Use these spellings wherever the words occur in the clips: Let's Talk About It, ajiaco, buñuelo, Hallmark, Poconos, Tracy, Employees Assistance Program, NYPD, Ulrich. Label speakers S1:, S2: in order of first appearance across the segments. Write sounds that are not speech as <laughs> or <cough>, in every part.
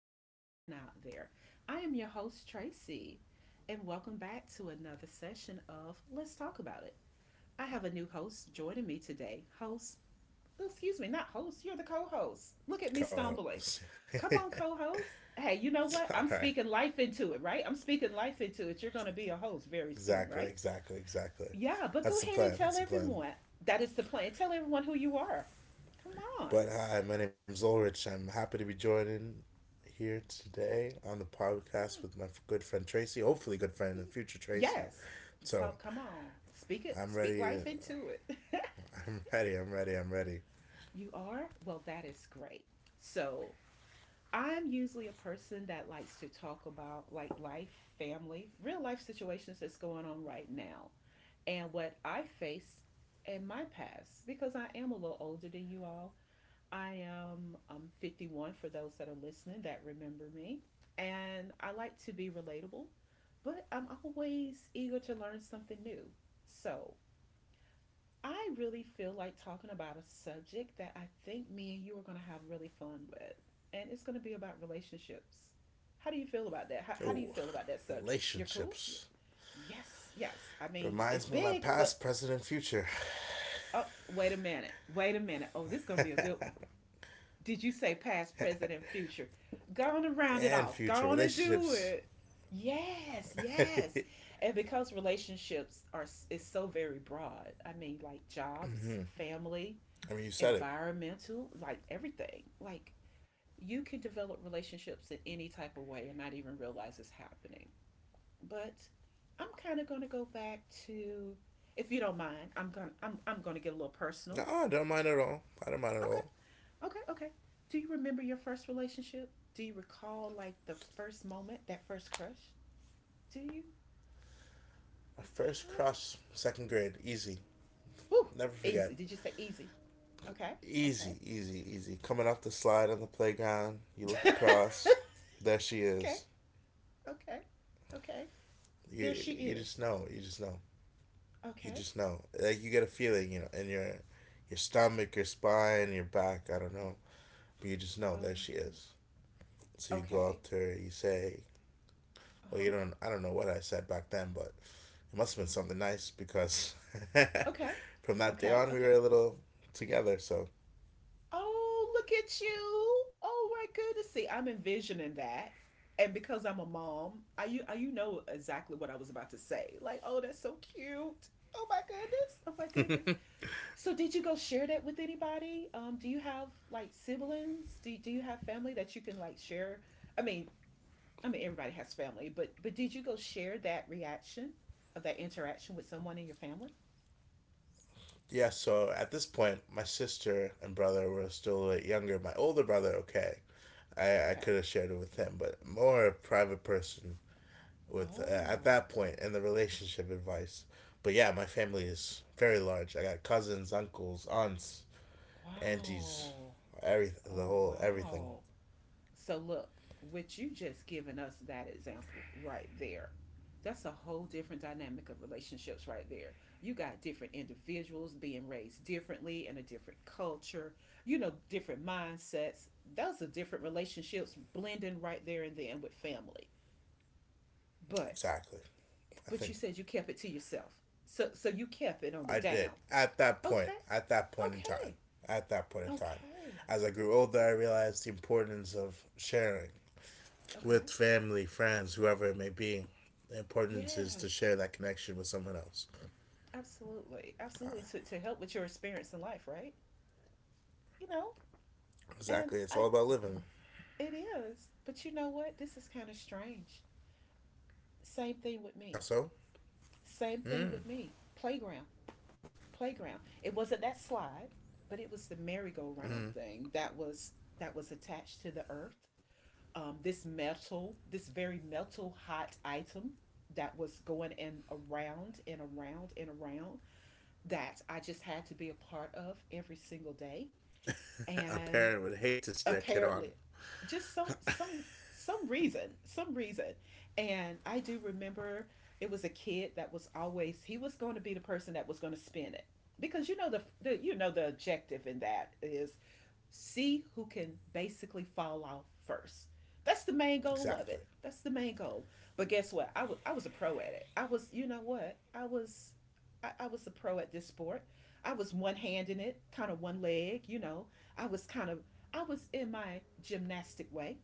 S1: that are listening out there. I am your host, Tracy, and welcome back to another session of Let's Talk About It. I have a new host joining me today. Host, excuse me, not host, you're the co host. Look at me stumbling.
S2: Co-host.
S1: Come
S2: <laughs>
S1: on, co host. Hey, you know
S2: All
S1: what? I'm
S2: right.
S1: speaking life into it, right? I'm speaking life into it. You're going to be a host very soon,
S2: Exactly.
S1: right?
S2: Exactly. Exactly.
S1: Yeah, but go
S2: That's the
S1: ahead and
S2: plan.
S1: tell
S2: That's the plan.
S1: everyone that is the plan. Tell everyone who you are. Come on.
S2: But hi, my name's Ulrich. I'm happy to be joining here today on the podcast
S1: Right.
S2: with my good friend Tracy. Hopefully, good friend in the future, Tracy.
S1: Yes.
S2: So
S1: Come on. Speak it,
S2: I'm
S1: speak
S2: ready.
S1: life into it. <laughs>
S2: <laughs> I'm ready. I'm ready. I'm ready.
S1: You are? Well, that is great. So, I'm usually a person that likes to talk about like life, family, real life situations that's going on right now and what I faced in my past because I am a little older than you all. I am 51 for those that are listening that remember me. And I like to be relatable, but I'm always eager to learn something new. So I really feel like talking about a subject that I think me and you are going to have really fun with. And it's going to be about relationships. How do you feel about that? How,
S2: Oh,
S1: how do you feel about that subject? You're cool?
S2: relationships
S1: You're... Yes, yes. I mean,
S2: reminds me
S1: it's
S2: of my
S1: big,
S2: past,
S1: but
S2: present,
S1: oh, wait a minute. Wait a minute. Oh, this is going to be a good one. Did you say past, present, and future? Go on and
S2: and
S1: round it
S2: future
S1: off. Go on and
S2: relationships.
S1: do it. Yes, yes. And because relationships are is so very broad. I mean, like jobs, family,
S2: I mean, you said it.
S1: environmental, like everything. Like you can develop relationships in any type of way and not even realize it's happening. But I'm kind of going to go back to if you don't mind, I'm going to get a little
S2: No,
S1: personal.
S2: I don't mind at all. I don't mind at
S1: Okay.
S2: all.
S1: Okay. Do you remember your first relationship? Do you recall like the first moment, that first crush? Do you?
S2: My first cross,
S1: <gasps>
S2: second grade, easy.
S1: Ooh,
S2: Never forget.
S1: easy. Did you say easy? Okay. Okay.
S2: Easy, easy, easy. Coming off the slide on the playground, you look across,
S1: <laughs>
S2: there she is.
S1: Okay. Okay. Okay. There
S2: You
S1: she
S2: you just
S1: is.
S2: know, you just know, you
S1: Okay.
S2: just know. Like you get a feeling, in your stomach, your spine, your back. I don't know, but you just know
S1: Oh
S2: there
S1: my
S2: she
S1: goodness.
S2: is. So you go
S1: Okay.
S2: up to her, you say,
S1: Uh
S2: "Well, you
S1: huh.
S2: don't. I don't know what I said back then, but it must have been something nice because
S1: Okay.
S2: <laughs> from that day
S1: Okay.
S2: on, we
S1: Okay.
S2: were a little together. So
S1: Oh, look at you. Oh my goodness. See, I'm envisioning that. And because I'm a mom, you know exactly what I was about to say. Like, oh, that's so cute. Oh my goodness. Oh my goodness. So did you go share that with anybody? Do you have like siblings? Do you have family that you can like share? I mean, I mean everybody has family, but did you go share that reaction of that interaction with someone in your family?
S2: yeah, so at this point, my sister and brother were still a bit younger. My older brother, okay, I
S1: Okay.
S2: could have shared it with him, but more a private person with at
S1: Oh,
S2: that point in the relationship advice. But yeah, my family is very large. I got cousins, uncles, aunts, aunties,
S1: wow.
S2: everything, the
S1: Oh,
S2: whole everything.
S1: wow. So, look, with you just giving us that example right there, that's a whole different dynamic of relationships right there. You got different individuals being raised differently in a different culture, you know, different mindsets. Those are different relationships blending right there and then with family.
S2: Exactly.
S1: But,
S2: I think
S1: but you said you kept it to yourself. So, so you kept it
S2: I
S1: on the
S2: did
S1: down.
S2: at that point.
S1: Okay.
S2: At that point in time.
S1: Okay.
S2: At that point in time,
S1: Okay.
S2: as I grew older,
S1: Okay.
S2: I realized the importance of sharing with
S1: Okay.
S2: family, friends, whoever it may be. The importance is to share
S1: Yes,
S2: that connection with someone else.
S1: absolutely, absolutely. To help with your experience in life, right? You know, and
S2: Exactly. It's
S1: I
S2: all about living.
S1: it is, but you know what? This is kind of strange. Same thing
S2: How
S1: with me.
S2: so?
S1: Same thing with me. Playground, playground. It wasn't that slide, but it was the merry-go-round thing that was attached to the earth. This metal, this very metal hot item that was going in around and around and around that I just had to be a part of every single day.
S2: A
S1: And
S2: parent would hate to see their kid
S1: apparently
S2: on.
S1: just some reason, some reason, and I do remember it was a kid that was always he was going to be the person that was going to spin it because you know the you know the objective in that is see who can basically fall off first. That's the main goal of it,
S2: Exactly.
S1: that's the main goal. But guess what? I was a pro at it. I was, you know what I was, I was a pro at this sport. I was one hand in it, kind of one leg, you know, I was kind of, I was in my gymnastic way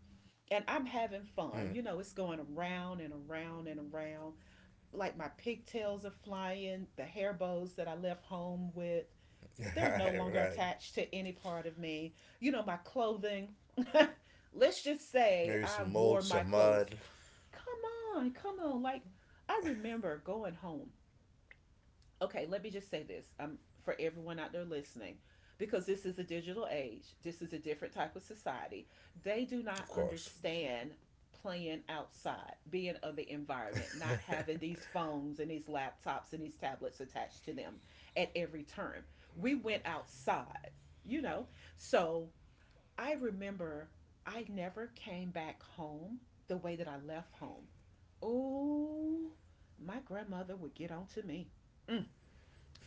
S1: and I'm having fun.
S2: Mm.
S1: You know, it's going around and around and around. Like my pigtails are flying, the hair bows that I left home with, they're no
S2: <laughs>
S1: longer
S2: Right,
S1: attached
S2: right.
S1: to any part of me. You know, my clothing. <laughs> Let's just say
S2: Maybe
S1: I
S2: some mold,
S1: wore my
S2: some
S1: clothes.
S2: mud.
S1: Come on, come on. Like, I remember going home, okay, let me just say this. For everyone out there listening, because this is a digital age, this is a different type of society. They do not
S2: Of course.
S1: understand playing outside, being of the environment, not having these phones and these laptops and these tablets attached to them at every turn. We went outside, you know? So I remember I never came back home the way that I left home. Oh, my grandmother would get on to me. Mm.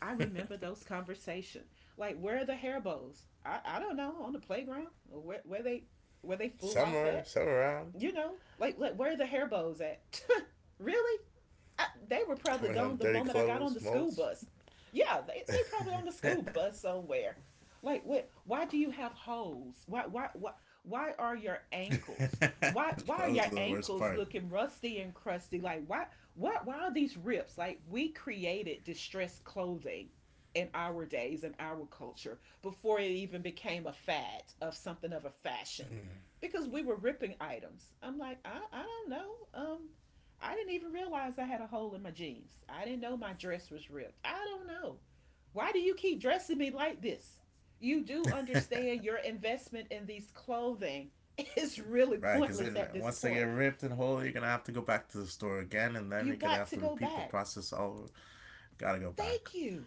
S1: I remember those conversations. Like where are the hair bows? I don't know, on the playground, or where they flew off at.
S2: Summer, summer
S1: You
S2: around.
S1: know, like where are the hair bows at? <laughs> Really? I, they were probably gone the
S2: Coming home,
S1: moment I
S2: dirty
S1: got on the school
S2: clothes,
S1: bus.
S2: molds.
S1: Yeah, they probably on the school bus somewhere. Like what, why do you have holes? Why why are your ankles? Why
S2: <laughs>
S1: why are
S2: Those are
S1: your
S2: the worst
S1: ankles
S2: part.
S1: looking rusty and crusty? Like why are these rips? Like we created distressed clothing in our days, in our culture, before it even became a fad of something of a fashion, because we were ripping items. I'm like, I don't know, I didn't even realize I had a hole in my jeans. I didn't know my dress was ripped. I don't know. Why do you keep dressing me like this? You do understand your investment in these clothing <laughs> is really
S2: Right, because
S1: pointless
S2: then
S1: at this
S2: once they get
S1: point.
S2: ripped and whole, you're going to have to go back to the store again, and then you're
S1: You
S2: going to have to
S1: got to go
S2: repeat the
S1: back.
S2: process all over. Gotta go back.
S1: Thank you.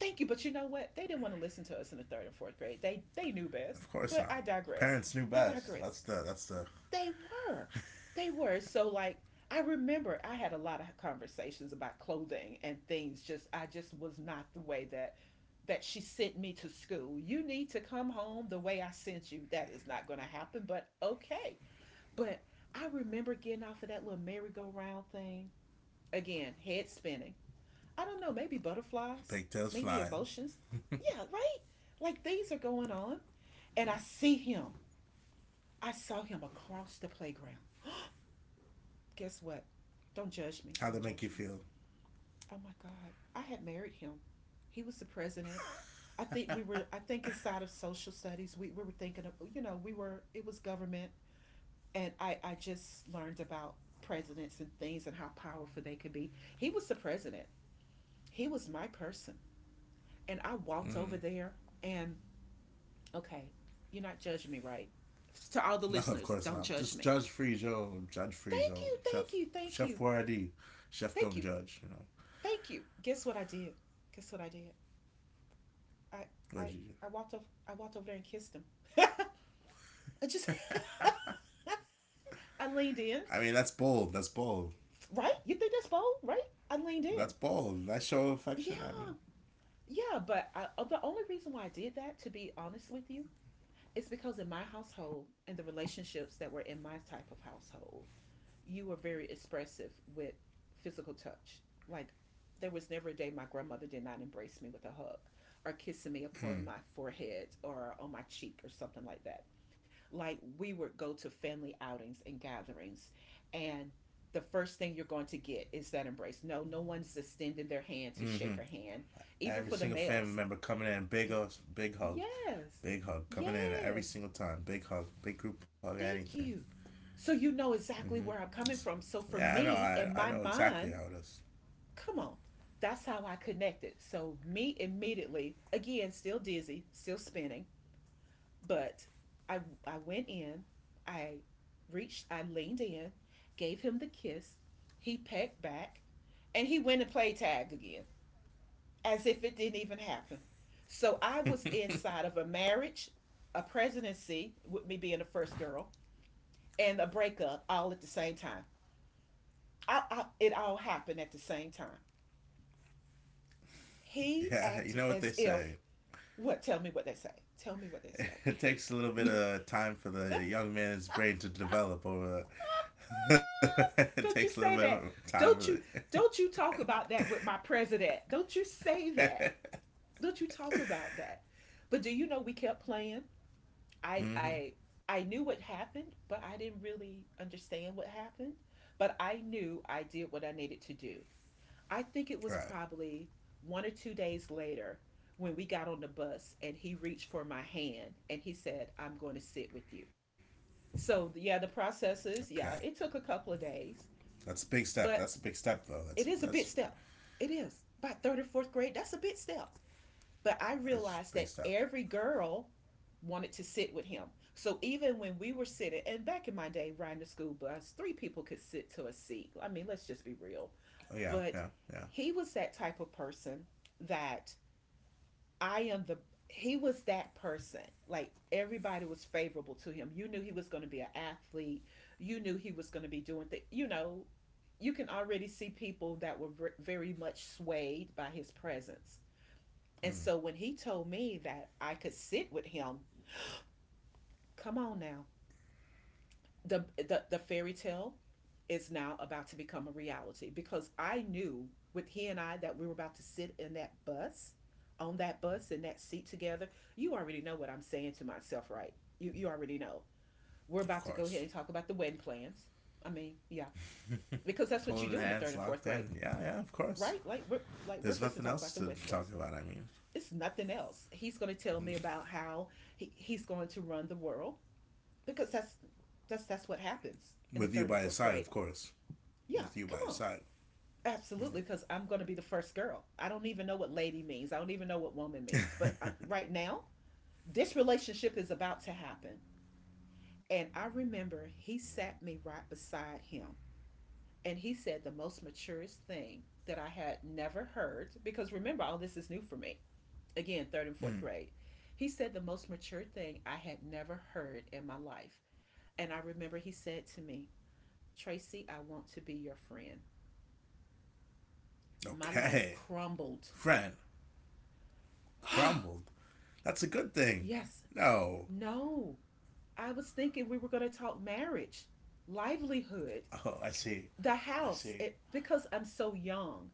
S1: Thank you. But you know what? They didn't want to listen to us in the third and fourth grade. They knew best.
S2: Of course
S1: But
S2: not.
S1: I digress.
S2: Parents knew
S1: I
S2: best.
S1: digress.
S2: That's the
S1: They were. They were. So like I remember I had a lot of conversations about clothing and things, just I just was not the way that that she sent me to school. You need to come home the way I sent you. That is not going to happen, but okay. But I remember getting off of that little merry-go-round thing. Again, head spinning. I don't know, maybe butterflies,
S2: pigtails
S1: maybe
S2: flying.
S1: emotions. Yeah, right? Like things are going on. And I see him. I saw him across the playground. Guess what? Don't judge me.
S2: How'd that
S1: Don't
S2: make you
S1: judge me.
S2: feel? <laughs>
S1: Oh my God. I had married him. He was the president. I think we were, I think inside of social studies, we were thinking of, you know, we were, it was government. And I just learned about presidents and things and how powerful they could be. He was the president. He was my person. And I walked over there and, okay, you're not judging me, right? To all the
S2: No, of
S1: listeners,
S2: course
S1: don't
S2: not.
S1: judge
S2: Just
S1: me.
S2: judge free zone. Judge free
S1: Thank
S2: zone.
S1: you,
S2: Chef
S1: thank you, thank
S2: Chef
S1: you,
S2: Boyardee. Chef
S1: thank you,
S2: don't judge. You know
S1: thank you. Guess what I did? Guess what I did? I I I
S2: what you do?
S1: walked over I walked over there and kissed him. I just <laughs> I leaned in.
S2: I mean, that's bold. That's bold.
S1: Right? You think that's bold, right? I leaned in.
S2: That's bold. That show affection. I mean,
S1: Yeah. Yeah, but I, the only reason why I did that, to be honest with you, is because in my household and the relationships that were in my type of household, you were very expressive with physical touch. Like, there was never a day my grandmother did not embrace me with a hug or kissing me upon my forehead or on my cheek or something like that. Like we would go to family outings and gatherings, and the first thing you're going to get is that embrace. No, no one's extending their hand to shake her hand,
S2: every single
S1: even
S2: family
S1: for the
S2: member coming
S1: males.
S2: in, big us, big hug
S1: Yes.
S2: coming in every single
S1: Yes,
S2: time. Big hug, big group hug, anything.
S1: thank you. So you know exactly
S2: Just-
S1: where I'm coming from,
S2: yeah, I
S1: so
S2: know.
S1: for
S2: I
S1: me
S2: know
S1: in my
S2: exactly how it is.
S1: mind,
S2: <laughs>
S1: come on, that's how I connected. So me immediately, again, still dizzy, still spinning, but I I went in, I reached, I leaned in, gave him the kiss. He pecked back, and he went and played tag again, as if it didn't even happen. So I was inside of a marriage, a presidency, with me being the first girl, and a breakup all at the same time. It all happened at the same time. He
S2: Yeah, you
S1: acted
S2: know what they
S1: as if
S2: say.
S1: what? Tell me what they say. Tell me what they say.
S2: It takes a little bit of time for the young man's brain to develop, or <laughs>
S1: <laughs>
S2: it
S1: Don't you
S2: takes a little
S1: say
S2: bit of
S1: that.
S2: time for
S1: Don't you
S2: the.
S1: don't you talk about that with my president. Don't you say that. Don't you talk about that. But do you know we kept playing? I I I knew what happened, but I didn't really understand what happened. But I knew I did what I needed to do. I think it was
S2: Right.
S1: probably 1 or 2 days later when we got on the bus and he reached for my hand and he said, I'm going to sit with you. So, yeah, the processes, yeah,
S2: Okay.
S1: it took a couple of days,
S2: That's a big step.
S1: but
S2: That's a big step, though.
S1: it
S2: That's
S1: is a big
S2: that's
S1: step. It is. By third or fourth grade, that's a big step. But I realized
S2: that's
S1: that
S2: a big step.
S1: every girl wanted to sit with him. So even when we were sitting, and back in my day, riding the school bus, three people could sit to a seat. I mean, let's just be real.
S2: Oh yeah,
S1: But
S2: yeah, yeah.
S1: he was that type of person that I am the he was that person. Like, everybody was favorable to him. You knew he was going to be an athlete. You knew he was going to be doing things. You know, you can already see people that were very much swayed by his presence. And so when he told me that I could sit with him, come on now. The fairy tale is now about to become a reality, because I knew with he and I that we were about to sit in that bus, on that bus in that seat together. You already know what I'm saying to myself, right? You already know. We're
S2: Of
S1: about to go ahead
S2: course.
S1: and talk about the wedding plans. I mean, yeah, because that's what you
S2: Holding
S1: do in the
S2: hands,
S1: third and fourth
S2: locked
S1: grade,
S2: in. Yeah, yeah. Of course.
S1: right? Like we're
S2: There's
S1: first to
S2: nothing
S1: talk about
S2: else
S1: the
S2: to
S1: wedding
S2: talk
S1: plans.
S2: about. I mean,
S1: It's nothing else. He's going to tell me about how he's going to run the world, because that's what happens in the
S2: with you
S1: third and
S2: by his
S1: fourth
S2: side,
S1: grade.
S2: of course.
S1: Yeah,
S2: With you
S1: come
S2: by his
S1: on.
S2: side.
S1: Absolutely, because I'm going to be the first girl. I don't even know what lady means. I don't even know what woman means. But right now, this relationship is about to happen. And I remember he sat me right beside him. And he said the most maturest thing that I had never heard, because remember, all this is new for me. Again, third and fourth grade. He said the most mature thing I had never heard in my life. And I remember he said to me, Tracy, I want to be your friend. My
S2: Okay.
S1: life crumbled.
S2: Friend crumbled.
S1: <gasps>
S2: That's a good thing.
S1: Yes.
S2: No.
S1: No. I was thinking we were going to talk marriage, livelihood,
S2: Oh, I see.
S1: the
S2: I
S1: house.
S2: see.
S1: It, because I'm so young,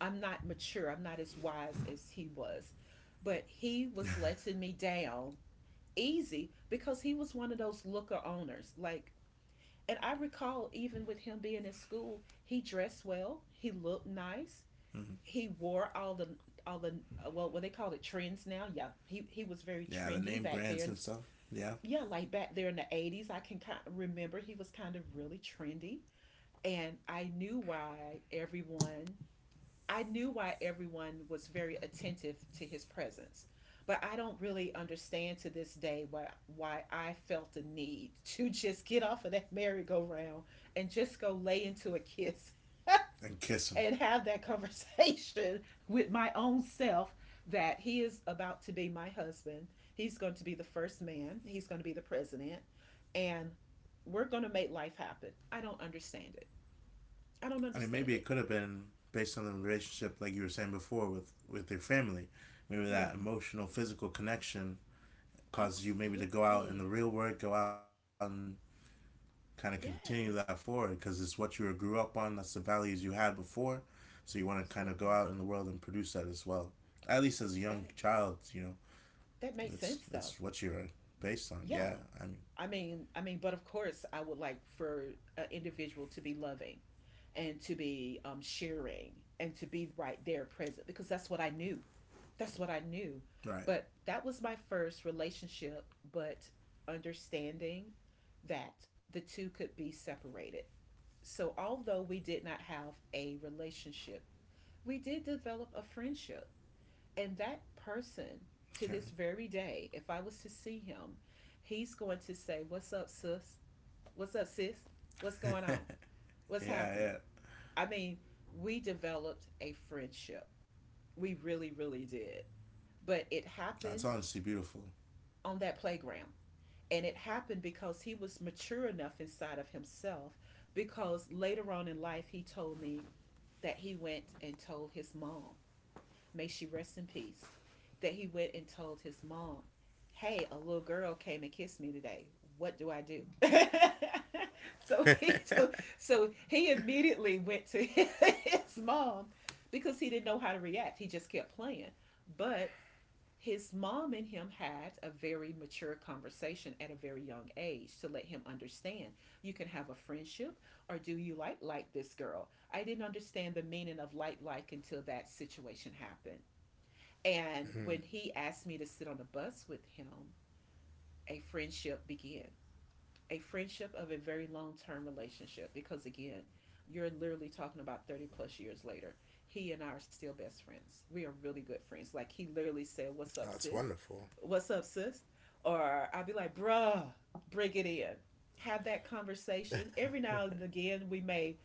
S1: I'm not mature. I'm not as wise as he was. But he was letting me down easy, because he was one of those looker owners. Like, and I recall even with him being in school, he dressed well, he looked nice, he wore all the well, what they call it, trends now. Yeah, he was very
S2: Yeah, the
S1: trendy
S2: name
S1: back there,
S2: brands and stuff. Yeah,
S1: yeah, like back there in the 80s. I can kind of remember he was kind of really trendy. And I knew why everyone, I knew why everyone was very attentive to his presence. But I don't really understand to this day why I felt the need to <laughs> just get off of that merry-go-round and just go lay into a kiss
S2: and
S1: and
S2: kiss
S1: have
S2: them.
S1: that <laughs> conversation with my own self that he is about to be my husband. He's going to be the first man, he's going to be the president, and we're going to make life happen. I don't understand it. I don't
S2: I
S1: understand
S2: mean,
S1: it.
S2: maybe it could have been based on the relationship, like you were saying before, with your family.
S1: Yeah,
S2: Maybe that emotional, physical connection causes you maybe to
S1: absolutely.
S2: go out in the real world, go out and kind of continue that
S1: Yes,
S2: forward because it's what you grew up on. That's the values you had before, so you want to kind of go out
S1: absolutely.
S2: in the world and produce that as well. At least as a young
S1: That
S2: child,
S1: that made
S2: it's
S1: sense though.
S2: it's what you're based on.
S1: Yeah,
S2: Yeah, I mean,
S1: I mean, but of course I would like for an individual to be loving and to be sharing and to be right there present, because that's what I knew, that's what I knew.
S2: right.
S1: But that was my first relationship, but understanding that the two could be separated. So although we did not have a relationship, we did develop a friendship. And that person,
S2: Yeah,
S1: to this very day, if I was to see him, he's going to say, What's up, sis? What's up, sis? What's going on? What's
S2: yeah, yeah.
S1: happening? I mean, we developed a friendship. We really, really did. But it
S2: That's
S1: happened
S2: honestly beautiful.
S1: on that playground. And it happened because he was mature enough inside of himself. Because later on in life, he told me that he went and told his mom, may she rest in peace, that he went and told his mom, Hey, a little girl came and kissed me today. What do I do? <laughs> So he, so he immediately went to <laughs> his mom because he didn't know how to react. He just kept playing. But his mom and him had a very mature conversation at a very young age to let him understand, you can have a friendship, or do you like this girl? I didn't understand the meaning of like until that situation happened. And when he asked me to sit on the bus with him, a friendship began. A friendship of a very long term relationship, because, again, you're literally talking about 30 plus years later. He and I are still best friends. We are really good friends. Like, he literally said, What's
S2: That's
S1: up, sis?
S2: wonderful.
S1: What's up, sis? Or I'd be like, Bruh, bring it in. Have that conversation. Every now and again, we may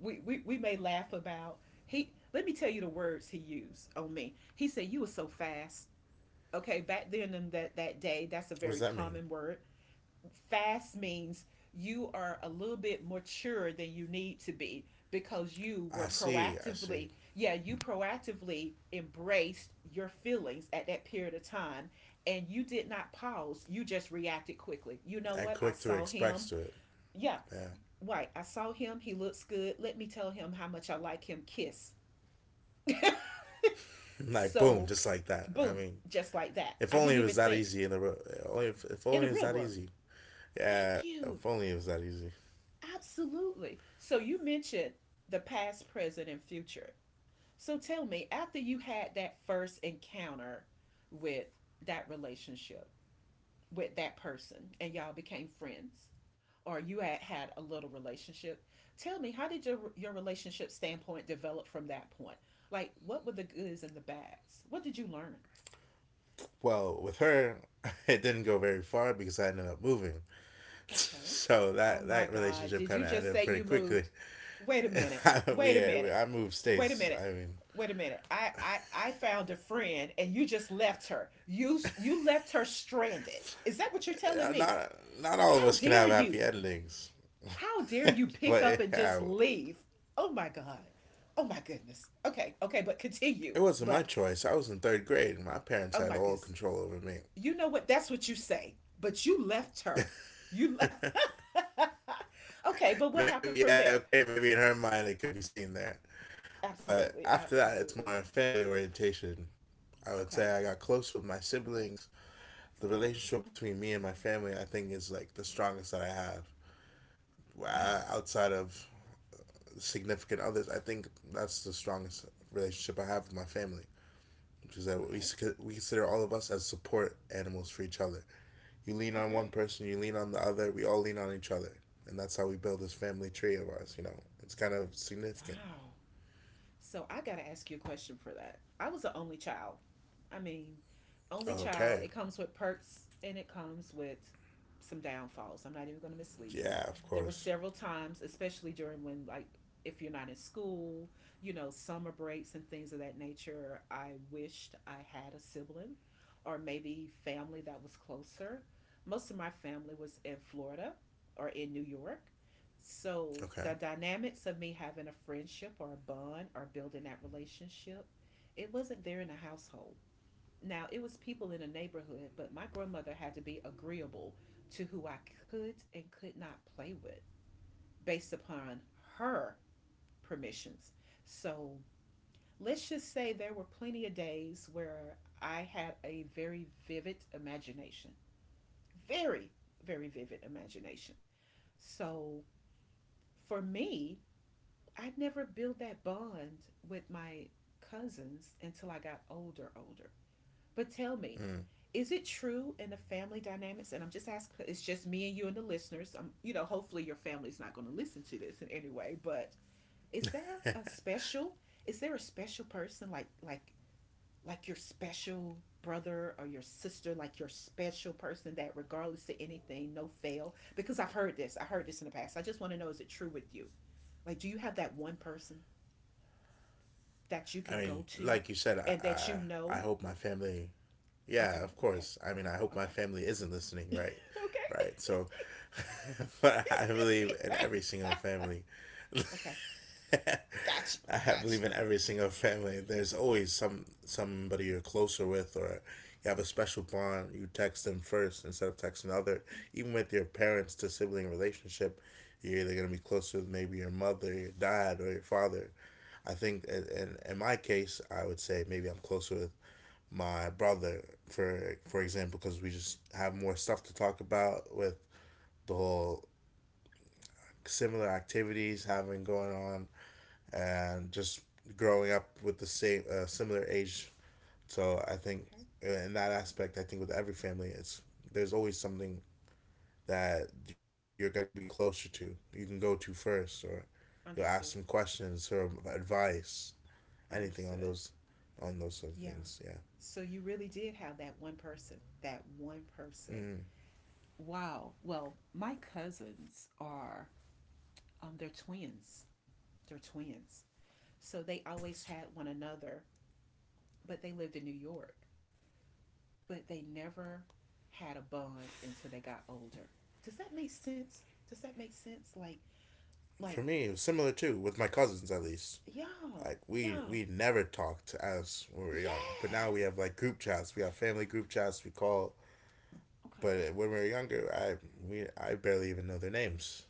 S1: we may laugh about, he let me tell you the words he used on me. He said, You were so fast. Okay, back then in that day, that's a
S2: What does
S1: very
S2: that mean?
S1: common word. Fast means you are a little bit mature than you need to be, because you
S2: I
S1: were
S2: see, I see.
S1: proactively, yeah, you proactively embraced your feelings at that period of time, and you did not pause. You just reacted quickly. You know
S2: And
S1: what? I
S2: quick to
S1: saw him.
S2: express to it.
S1: Yeah,
S2: Yeah.
S1: right. I saw him. He looks good. Let me tell him how much I like him. Kiss.
S2: Like
S1: So,
S2: boom, just like that. I
S1: boom,
S2: mean,
S1: just like that. I
S2: if
S1: didn't
S2: only it
S1: even
S2: was that
S1: think.
S2: easy in the ro- only if
S1: In the
S2: only it
S1: real
S2: was that
S1: world,
S2: easy.
S1: thank
S2: Yeah, if
S1: you.
S2: only it was that easy.
S1: Absolutely. So you mentioned the past, present, and future. So tell me, after you had that first encounter with that relationship, with that person, and y'all became friends, or you had had a little relationship, tell me, how did your relationship standpoint develop from that point? Like, what were the goods and the bads? What did you learn?
S2: Well, with her, <laughs> it didn't go very far because I ended up moving.
S1: Okay.
S2: So
S1: Oh
S2: that
S1: my
S2: that
S1: God.
S2: relationship
S1: Did
S2: kind
S1: you
S2: of
S1: just
S2: ended
S1: say
S2: pretty
S1: you
S2: quickly.
S1: moved? Wait a minute.
S2: <laughs> we
S1: Wait a
S2: I
S1: minute.
S2: moved states.
S1: Wait a
S2: I
S1: minute.
S2: mean,
S1: Wait a minute. I found a friend and you just left her. You left her stranded. Is that what you're telling
S2: uh,
S1: me?
S2: not not all of
S1: How
S2: us can
S1: dare
S2: have
S1: you?
S2: happy endings.
S1: How
S2: <laughs>
S1: dare you pick
S2: but
S1: up and
S2: yeah,
S1: just leave? Oh my God. Oh my goodness. Okay. Okay, but continue.
S2: it wasn't my
S1: But
S2: choice. I was in third grade. My parents
S1: oh
S2: had
S1: my
S2: all
S1: goodness.
S2: control over me.
S1: You know what? That's what you say. But you left her. You left <laughs> okay, but
S2: Maybe,
S1: what
S2: yeah,
S1: happened from
S2: okay,
S1: there?
S2: maybe in her mind it could be seen there. But
S1: Absolutely,
S2: after that, it's
S1: absolutely.
S2: more family orientation. I would
S1: Okay.
S2: say I got close with my siblings. The relationship
S1: Okay.
S2: between me and my family, I think, is like the strongest that I have.
S1: Wow.
S2: Outside of significant others, I think that's the strongest relationship I have with my family. Which is that we,
S1: Okay.
S2: we consider all of us as support animals for each other. You lean on one
S1: Okay.
S2: person, you lean on the other, we all lean on each other. And that's how we build this family tree of ours. It's kind of significant.
S1: Wow. So I got to ask you a question for that. I was an only child. I mean, only
S2: Okay.
S1: child. It comes with perks and it comes with some downfalls. I'm not even going to mislead you.
S2: Yeah, of
S1: There were
S2: course.
S1: several times, especially during when, like, if you're not in school, you know, summer breaks and things of that nature, I wished I had a sibling or maybe family that was closer. Most of my family was in Florida or in New York. So
S2: Okay.
S1: the dynamics of me having a friendship or a bond or building that relationship, it wasn't there in the household. Now it was people in the neighborhood, but my grandmother had to be agreeable to who I could and could not play with based upon her permissions. So let's just say there were plenty of days where I had a very vivid imagination. Very, very vivid imagination. So for me, I'd never built that bond with my cousins until I got older, older. But tell me, is it true in the family dynamics? And I'm just asking, it's just me and you and the listeners. You know, hopefully your family's not going to listen to this in any way. But is there a special? Is there a special person like like your special brother or your sister, like your special person that regardless of anything, no fail? Because I've heard this. I heard this in the past. I just want to know, is it true with you? Like, do you have that one person that
S2: I
S1: you can
S2: mean,
S1: go
S2: like you
S1: to
S2: said,
S1: and
S2: I
S1: that you
S2: I, I
S1: know.
S2: hope my family. Yeah, of
S1: Okay,
S2: course.
S1: okay,
S2: I mean I
S1: okay,
S2: hope my
S1: okay,
S2: family isn't listening, right? Right. So <laughs> but I believe in
S1: okay,
S2: every single family
S1: <laughs> okay. Gotcha,
S2: I have, believe
S1: gotcha.
S2: in every single family. There's always somebody you're closer with, or you have a special bond. You text them first instead of texting the other. Even with your parents to sibling relationship, you're either gonna be closer with maybe your mother, your dad, or your father. I think, and in my case, I would say maybe I'm closer with my brother for example because we just have more stuff to talk about with the whole similar activities having going on and just growing up with the same similar age. So I think
S1: Okay,
S2: in that aspect, I think with every family, it's there's always something that you're gonna be closer to. You can go to first, or you'll ask some
S1: understood,
S2: questions or advice, anything on
S1: understood.
S2: those sort of
S1: Yeah.
S2: things. Yeah,
S1: So you really did have that one person, that one person.
S2: mm.
S1: Wow. Well, my cousins are, they're twins. They're twins. So they
S2: Twins.
S1: always had one another, but they lived in New York. But they never had a bond until they got older. Does that make sense? Does that make sense? Like,
S2: For me, it was similar too with my cousins at least.
S1: y'all,
S2: Like we
S1: y'all,
S2: we never talked as when we were young, but now we
S1: yes.
S2: have like group chats. We have family group chats. We call.
S1: Okay.
S2: But when we were younger, I barely even know their names.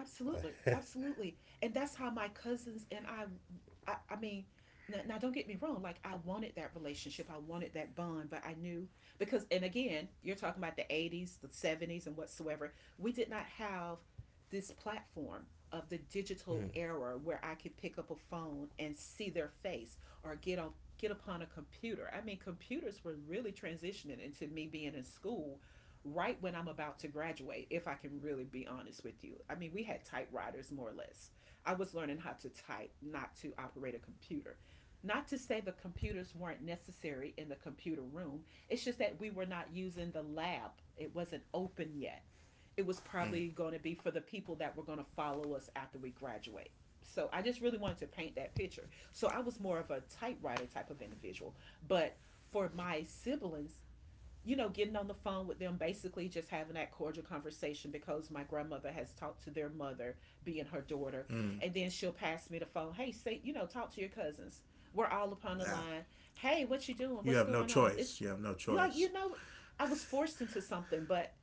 S1: Absolutely, absolutely, and that's how my cousins and I. I, I mean, now don't get me wrong. Like, I wanted that relationship, I wanted that bond, but I knew because, and again, you're talking about the '80s, the '70s, and whatsoever. We did not have this platform of the digital era where I could pick up a phone and see their face or get upon a computer. I mean, computers were really transitioning into me being in school right when I'm about to graduate, if I can really be honest with you. I mean, we had typewriters more or less. I was learning how to type, not to operate a computer. Not to say the computers weren't necessary in the computer room, it's just that we were not using the lab. It wasn't open yet. It was probably going to be for the people that were going to follow us after we graduate. So I just really wanted to paint that picture. So I was more of a typewriter type of individual. But for my siblings, getting on the phone with them, basically just having that cordial conversation because my grandmother has talked to their mother, being her daughter. And then she'll pass me the phone. Hey, say, talk to your cousins. We're all upon the
S2: Yeah.
S1: line. Hey, what you doing?
S2: You
S1: What's
S2: have no
S1: going on? It's
S2: choice. You have no
S1: like,
S2: choice.
S1: you know, I was forced into something, but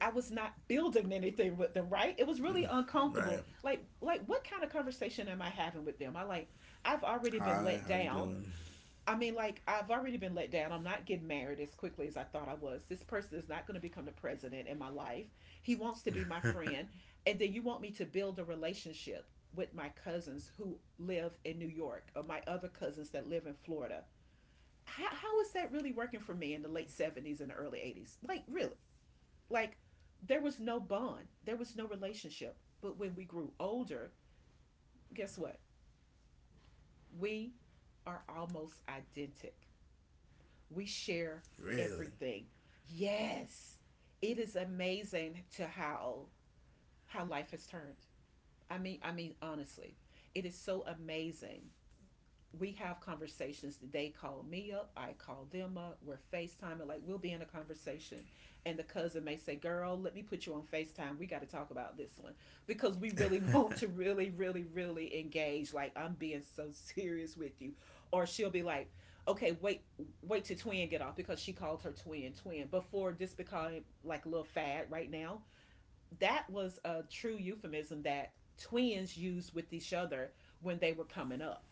S1: I was not building anything with them, right? It was really
S2: Right.
S1: uncomfortable. Like, what kind of conversation am I having with them? I've already been
S2: Hi, how
S1: let
S2: you
S1: down
S2: doing?
S1: I mean, like, I've already been let down. I'm not getting married as quickly as I thought I was. This person is not going to become the president in my life. He wants to be my friend. And then you want me to build a relationship with my cousins who live in New York or my other cousins that live in Florida. How is that really working for me in the late '70s and the early '80s? Like, really? Like, there was no bond, there was no relationship. But when we grew older, guess what? We are almost identical. We share
S2: Really?
S1: everything. Yes, it is amazing to how life has turned. I mean, honestly, it is so amazing. We have conversations. They call me up, I call them up. We're FaceTiming. Like, we'll be in a conversation, and the cousin may say, "Girl, let me put you on FaceTime. We got to talk about this one because we really <laughs> want to really, really, really engage. Like, I'm being so serious with you," or she'll be like, "Okay, wait, wait till twin get off," because she called her twin twin before this became like a little fad right now. That was a true euphemism that twins used with each other when they were coming up.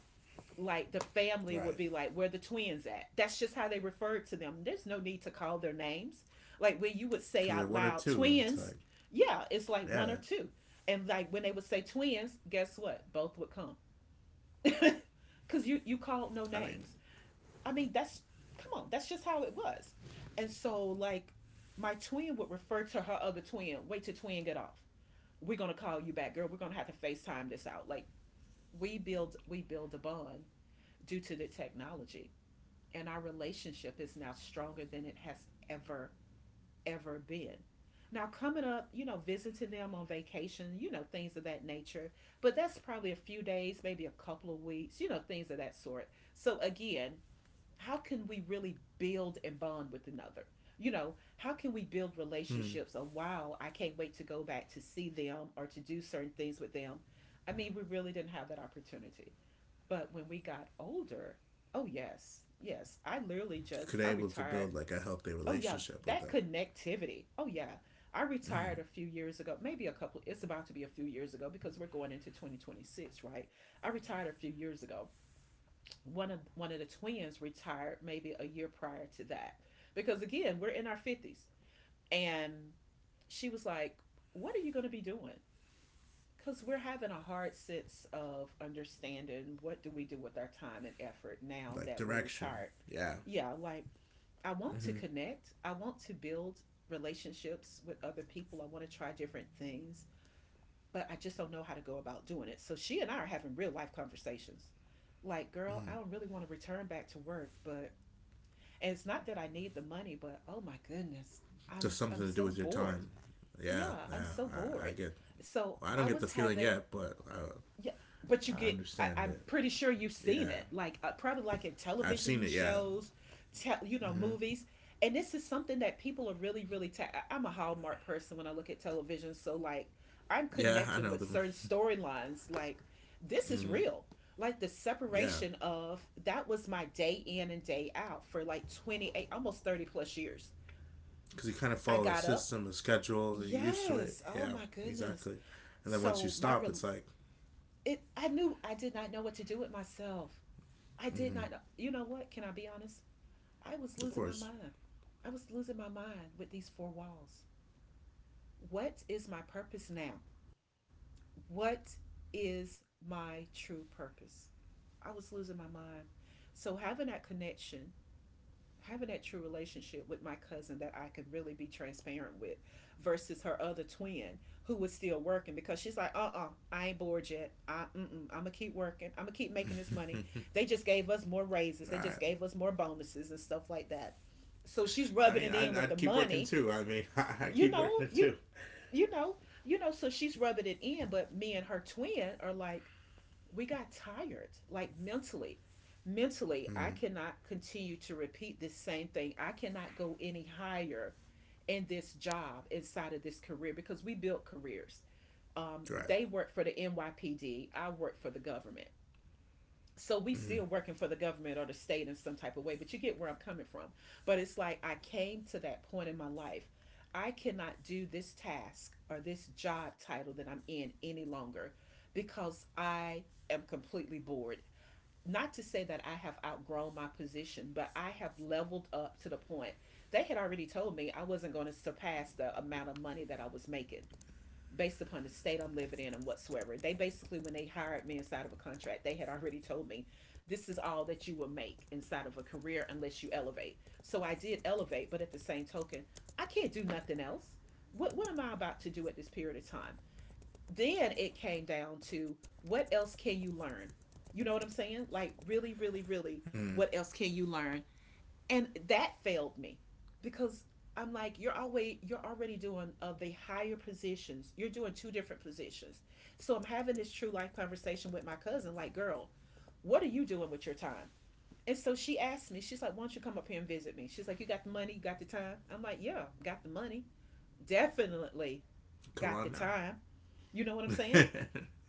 S1: Like, the
S2: Right.
S1: family would be like, where the twins at? That's just how they referred to them. There's no need to call their names. Like, when you would say
S2: Because they're
S1: out
S2: one or
S1: loud,
S2: two. It's
S1: twins.
S2: like,
S1: Yeah, it's like one or
S2: yeah.
S1: two. And like, when they would say twins, guess what? Both would come. <laughs> Because you called no
S2: I mean,
S1: names. I mean, that's, come on, that's just how it was. And so, like, my twin would refer to her other twin, wait till twin get off. We're gonna call you back, girl. We're gonna have to FaceTime this out. Like, we build a bond due to the technology, and our relationship is now stronger than it has ever ever been. Now coming up, you know, visiting them on vacation, you know, things of that nature. But that's probably a few days, maybe a couple of weeks, you know, things of that sort. So again, how can we really build and bond with another? You know, how can we build relationships? Oh wow, I can't wait to go back to see them or to do certain things with them. I mean, we really didn't have that opportunity. But when we got older, oh, yes, yes, I literally
S2: you could
S1: just,
S2: be
S1: I
S2: able to
S1: retired.
S2: build like a healthy
S1: Oh, yeah,
S2: relationship with
S1: that
S2: them.
S1: connectivity. Oh, yeah. I retired a few years ago, maybe a couple, it's about to be a few years ago because we're going into 2026, right? I retired a few years ago. One of the twins retired maybe a year prior to that. Because again, we're in our 50s. And she was like, "What are you going to be doing?" Because we're having a hard sense of understanding, what do we do with our time and effort now that
S2: Like
S1: we're
S2: direction.
S1: retired?
S2: Yeah.
S1: Yeah, like, I want to connect, I want to build relationships with other people, I want to try different things, but I just don't know how to go about doing it. So she and I are having real life conversations. Like, girl, I don't really want to return back to work, but, and it's not that I need the money, but oh my goodness, i'm
S2: Just
S1: i'm
S2: something
S1: so
S2: to do with your
S1: bored.
S2: time.
S1: Yeah,
S2: Yeah.
S1: I'm so
S2: Yeah.
S1: bored.
S2: I get,
S1: So
S2: well, I don't
S1: I
S2: get the
S1: was
S2: feeling
S1: having,
S2: yet, but
S1: yeah,
S2: I,
S1: but you
S2: I
S1: get. I,
S2: understand it.
S1: I'm pretty sure you've
S2: Yeah.
S1: seen it, like, probably like in
S2: I've seen it. Yeah.
S1: television shows, you know, movies. And this is something that people are really, really. Am a Hallmark person when I look at television, so like, I'm
S2: Yeah. I
S1: connecting
S2: know
S1: with
S2: them.
S1: certain storylines. Like, this is
S2: Mm.
S1: real. Like, the
S2: Yeah.
S1: separation of that was my day in and day out for like 28, almost 30 plus years.
S2: Because you kind of
S1: I
S2: follow a
S1: got up.
S2: system, a schedule, you're used to it.
S1: Yes. Oh
S2: Yeah,
S1: my goodness.
S2: exactly. And then once you
S1: So my
S2: stop,
S1: re-
S2: it's like,
S1: it, I knew I did not know what to do with myself. I did not know. You know what? Can I be honest? I was
S2: of
S1: losing my
S2: course.
S1: mind. I was losing my mind with these four walls. What is my purpose now? What is my true purpose? I was losing my mind. So having that connection, having that true relationship with my cousin that I could really be transparent with versus her other twin who was still working, because she's like, I ain't bored yet. Mm-mm, I'm going to keep working. I'm going to keep making this money. They just gave us more
S2: I,
S1: raises. They just gave us more bonuses and stuff like that. So
S2: I
S1: she's
S2: mean, I'd,
S1: rubbing it
S2: I'd
S1: in
S2: keep
S1: with the
S2: working too.
S1: money.
S2: I mean, <laughs> I keep
S1: You
S2: working
S1: know,
S2: too.
S1: you, you know, you know, so she's rubbing it in. But me and her twin are like, we got tired, like mentally. Mentally,
S2: Mm,
S1: I cannot continue to repeat this same thing. I cannot go any higher in this job inside of this career because we built careers.
S2: right.
S1: They work for the NYPD, I work for the government, so we still working for the government or the state in some type of way, but you get where I'm coming from. But it's like, I came to that point in my life, I cannot do this task or this job title that I'm in any longer because I am completely bored. Not to say that I have outgrown my position, but I have leveled up to the point, they had already told me I wasn't going to surpass the amount of money that I was making based upon the state I'm living in and whatsoever. They basically, when they hired me inside of a contract, they had already told me, this is all that you will make inside of a career unless you elevate. So I did elevate, but at the same token, I can't do nothing else. What am I about to do at this period of time? Then it came down to, what else can you learn? You know what I'm saying? Like, really, really,
S2: Mm,
S1: really, what else can you learn? And that failed me because I'm like, you're already doing of the higher positions. You're doing two different positions. So I'm having this true life conversation with my cousin, like, girl, what are you doing with your time? And so she asked me, she's like, why don't you come up here and visit me? She's like, you got the money, you got the time? I'm like, yeah, got the money. Definitely
S2: come
S1: got
S2: on
S1: the
S2: now.
S1: time. You know what I'm
S2: <laughs>
S1: saying?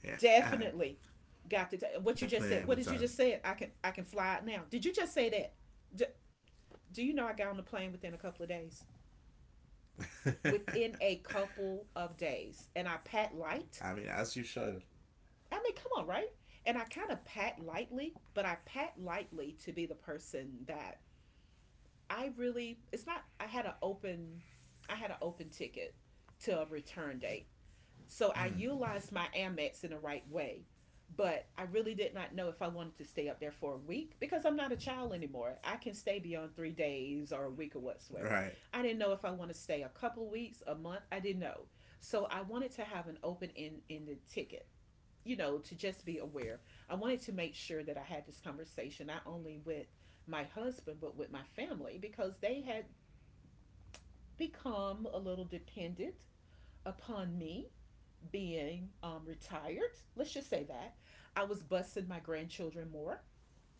S2: yeah,
S1: Definitely got the time.
S2: definitely
S1: What
S2: have
S1: you
S2: the
S1: just
S2: time.
S1: said, what did you just say? I can fly out now. Did you just say that? Do you know I got on the plane within a couple of days? Within a couple of days. And I pat
S2: <laughs> I mean,
S1: light.
S2: as you should.
S1: I mean, come on, right? And I kind of pat lightly, but I pat lightly to be the person that I really it's not I had an open ticket to a return date. So I utilized my Amex in the right way, but I really did not know if I wanted to stay up there for a week because I'm not a child anymore. I can stay beyond 3 days or a week or
S2: Right.
S1: whatsoever. I didn't know if I want to stay a couple weeks, a month. I didn't know. So I wanted to have an open ended ticket, to just be aware. I wanted to make sure that I had this conversation not only with my husband, but with my family because they had become a little dependent upon me being retired. Let's just say that I was bussing my grandchildren more.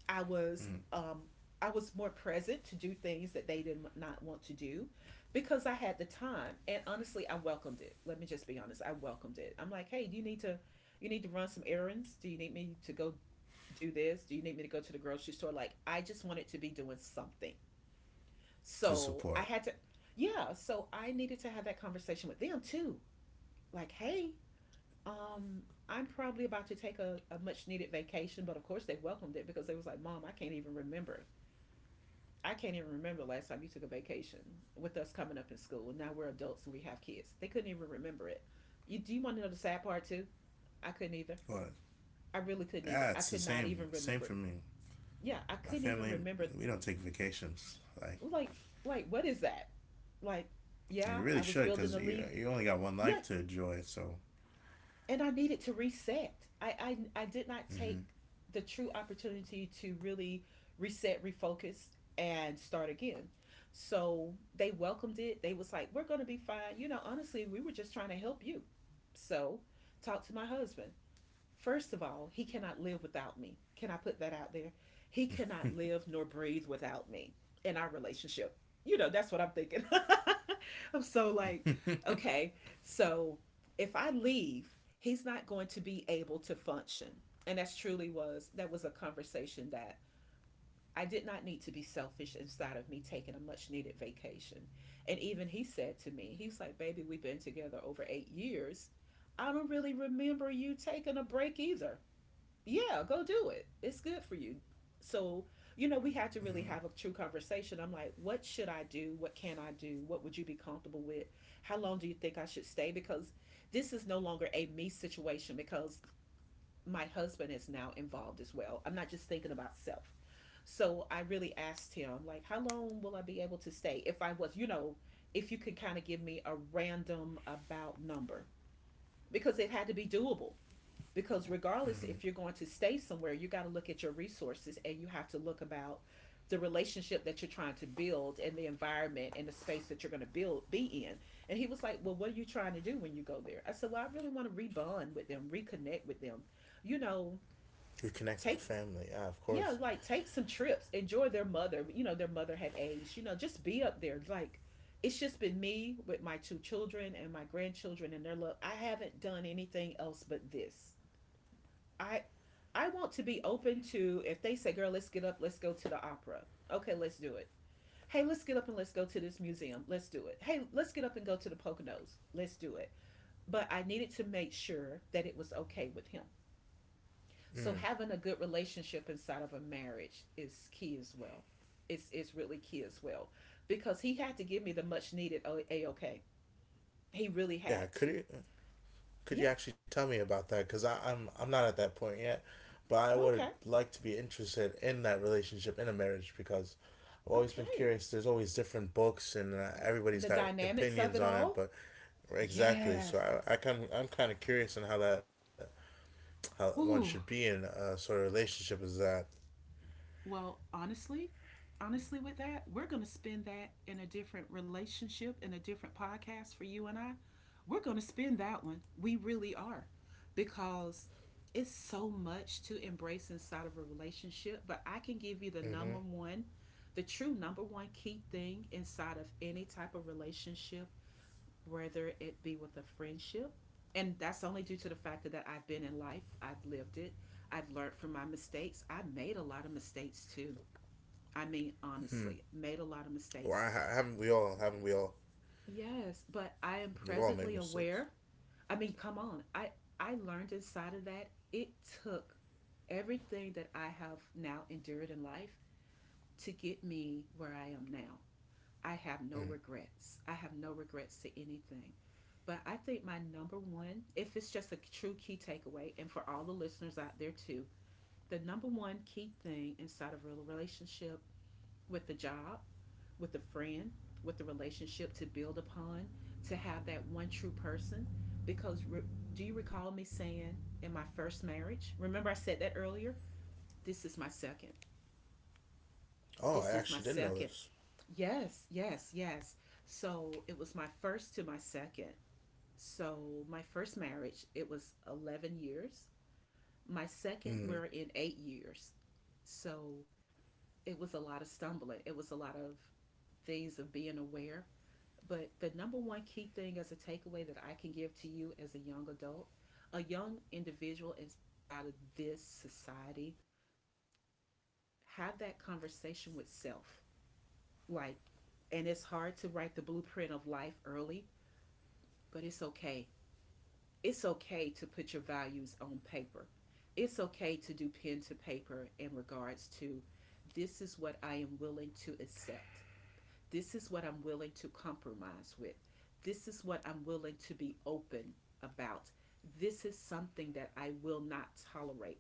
S1: I was um, I was more present to do things that they did not want to do because I had the time. And honestly, I welcomed it. Let me just be honest. I welcomed it. I'm like, hey, do you need to run some errands? Do you need me to go do this? Do you need me to go to the grocery store? Like, I just wanted to be doing something.
S2: To support.
S1: So I had to, yeah. So I needed to have that conversation with them too. Like, hey, um, I'm probably about to take a much needed vacation, but of course they welcomed it because they was like, "Mom, I can't even remember. I can't even remember last time you took a vacation with us coming up in school. And now we're adults and we have kids." They couldn't even remember it. You do you want to know the sad part too? I couldn't either.
S2: What?
S1: I really couldn't
S2: Yeah,
S1: either. I
S2: it's the
S1: could not
S2: same.
S1: even
S2: Same for
S1: remember.
S2: me.
S1: Yeah, I
S2: My
S1: couldn't even
S2: family,
S1: remember,
S2: we don't take vacations. Like,
S1: like like, what is that? Like,
S2: we
S1: yeah,
S2: really
S1: I was
S2: should
S1: building
S2: because
S1: a
S2: you,
S1: leave.
S2: you only got one
S1: Yeah,
S2: life to enjoy. So
S1: and I needed to reset. I, I did not take the true opportunity to really reset, refocus, and start again. So they welcomed it. They was like, "We're gonna be fine. You know, honestly, we were just trying to help you." So talk to my husband. First of all, he cannot live without me. Can I put that out there? He cannot live nor breathe without me in our relationship. You know, that's what I'm thinking. <laughs> I'm so like, okay, so if I leave, he's not going to be able to function. And that was a conversation that I did not need to be selfish inside of me taking a much needed vacation. And even he said to me, he was like, "Baby, we've been together over 8 years. I don't really remember you taking a break either. Yeah, go do it. It's good for you." So, you know, we had to really have a true conversation. I'm like, what should I do? What can I do? What would you be comfortable with? How long do you think I should stay? Because this is no longer a me situation because my husband is now involved as well. I'm not just thinking about self. So I really asked him, like, how long will I be able to stay? If I was, you know, if you could kind of give me a random about number, because it had to be doable, because regardless, if you're going to stay somewhere, you got to look at your resources and you have to look about the relationship that you're trying to build and the environment and the space that you're going to build be in. And he was like, well, what are you trying to do when you go there? I said, well, I really want to rebond with them, reconnect with them, you know,
S2: reconnect with the family.
S1: take
S2: Yeah, of course.
S1: yeah, like take some trips, enjoy their mother, you know, their mother had aged, you know, just be up there. Like, it's just been me with my two children and my grandchildren and their love. I haven't done anything else but this. I I want to be open to, if they say, girl, let's get up, let's go to the opera. Okay, let's do it. Hey, let's get up and let's go to this museum. Let's do it. Hey, let's get up and go to the Poconos. Let's do it. But I needed to make sure that it was okay with him.
S2: Mm.
S1: So having a good relationship inside of a marriage is key as well. It's really key as well, because he had to give me the much needed a okay. He really had
S2: Yeah,
S1: to.
S2: could you could
S1: Yeah.
S2: you actually tell me about that? Because I'm not at that point yet, but I would
S1: Okay.
S2: like to be interested in that relationship in a marriage because I've always been
S1: Okay.
S2: curious. There's always different books and
S1: Yeah.
S2: everybody's
S1: And the
S2: got
S1: dynamics of
S2: opinions
S1: it
S2: on it,
S1: all.
S2: but exactly. So
S1: Yes.
S2: I'm kind of curious on how that how one should be
S1: Ooh.
S2: in a sort of relationship is that.
S1: Well, honestly, honestly, with that, we're going to spend that in a different relationship, in a different podcast for you and I. We're going to spend that one. We really are. Because it's so much to embrace inside of a relationship, but I can give you the number
S2: Mm-hmm.
S1: one, the true number one key thing inside of any type of relationship, whether it be with a friendship. And that's only due to the fact that I've been in life, I've lived it, I've learned from my mistakes. I made a lot of mistakes too. I mean, honestly, made a lot of
S2: Well,
S1: mistakes.
S2: haven't we all,
S1: Yes, but I am
S2: we've all
S1: presently
S2: made mistakes.
S1: aware. I mean, come on. I learned inside of that it took everything that I have now endured in life to get me where I am now. I have no
S2: Mm.
S1: regrets. I have no regrets to anything. But I think my number one, if it's just a true key takeaway, and for all the listeners out there too, the number one key thing inside of a relationship, with the job, with a friend, with the relationship to build upon, to have that one true person. Because do you recall me saying in my first marriage? Remember, I said that earlier? This is my second.
S2: Oh, I
S1: This
S2: actually
S1: is my
S2: didn't know
S1: second.
S2: this.
S1: Yes, yes, yes. So it was my first to my second. So my first marriage, it was 11 years. My
S2: Mm.
S1: second, we're in 8 years. So it was a lot of stumbling. It was a lot of things of being aware. But the number one key thing as a takeaway that I can give to you as a young adult, a young individual inside of this society, have that conversation with self. Like, and it's hard to write the blueprint of life early, but it's okay. It's okay to put your values on paper. It's okay to do pen to paper in regards to, this is what I am willing to accept. This is what I'm willing to compromise with. This is what I'm willing to be open about. This is something that I will not tolerate.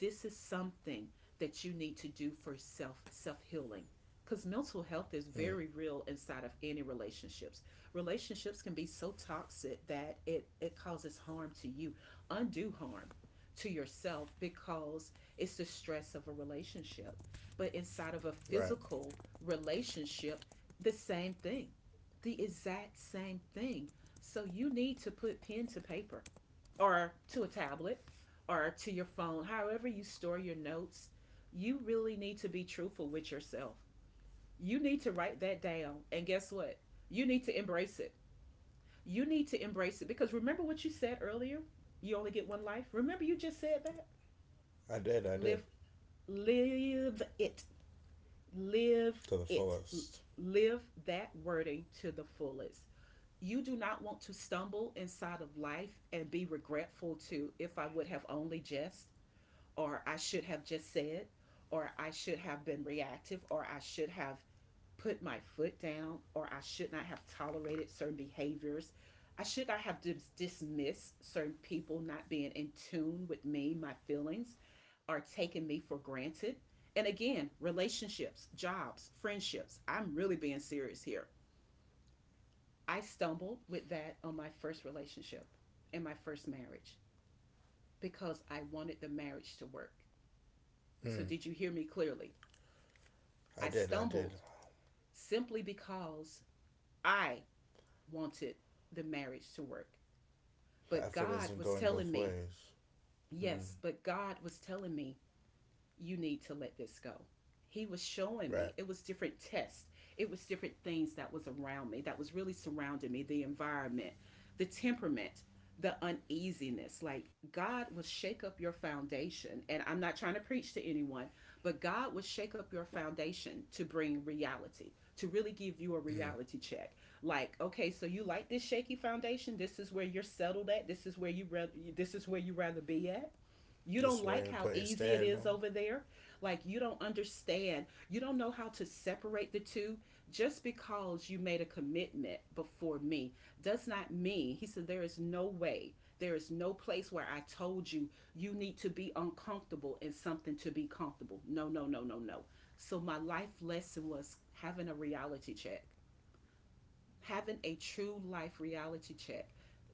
S1: This is something that you need to do for self healing, because mental health
S2: Mm.
S1: is very real inside of any relationships. Relationships can be so toxic that it causes harm to you, undue harm to yourself, because it's the stress of a relationship, but inside of a
S2: Right.
S1: physical relationship, the same thing, the exact same thing. So you need to put pen to paper or to a tablet or to your phone, however you store your notes. You really need to be truthful with yourself. You need to write that down. And guess what? You need to embrace it. You need to embrace it because remember what you said earlier? You only get one life. Remember you just said that?
S2: I did, I
S1: Live,
S2: did.
S1: live it. Live
S2: To the
S1: it.
S2: fullest.
S1: Live that wording to the fullest. You do not want to stumble inside of life and be regretful to, if I would have only just, or I should have just said, or I should have been reactive, or I should have put my foot down, or I should not have tolerated certain behaviors. I should not have dismissed certain people not being in tune with me, my feelings, or taking me for granted. And again, relationships, jobs, friendships. I'm really being serious here. I stumbled with that on my first relationship and my first marriage because I wanted the marriage to work. So, did you hear me clearly? I
S2: I did, I
S1: stumbled
S2: did.
S1: simply because I wanted the marriage to work. But
S2: The effort
S1: God was
S2: isn't going
S1: telling
S2: both
S1: me,
S2: ways. Hmm.
S1: yes, but God was telling me, you need to let this go. He was showing
S2: Right.
S1: me. It was different tests. It was different things that was around me, that was really surrounding me, the environment, the temperament, the uneasiness. Like, God will shake up your foundation. And I'm not trying to preach to anyone, but God will shake up your foundation to bring reality, to really give you a reality check. Like, okay, so you like this shaky foundation? This is where you're settled at. This is where you this is where you rather be at. You
S2: This is
S1: don't
S2: where
S1: like
S2: you put
S1: how
S2: your
S1: easy
S2: stand
S1: it
S2: on.
S1: is over there. Like, you don't understand. You don't know how to separate the two. Just because you made a commitment before me does not mean, he said, there is no way, there is no place where I told you you need to be uncomfortable in something to be comfortable. No, no, no, no, no. So, my life lesson was having a reality check, having a true life reality check,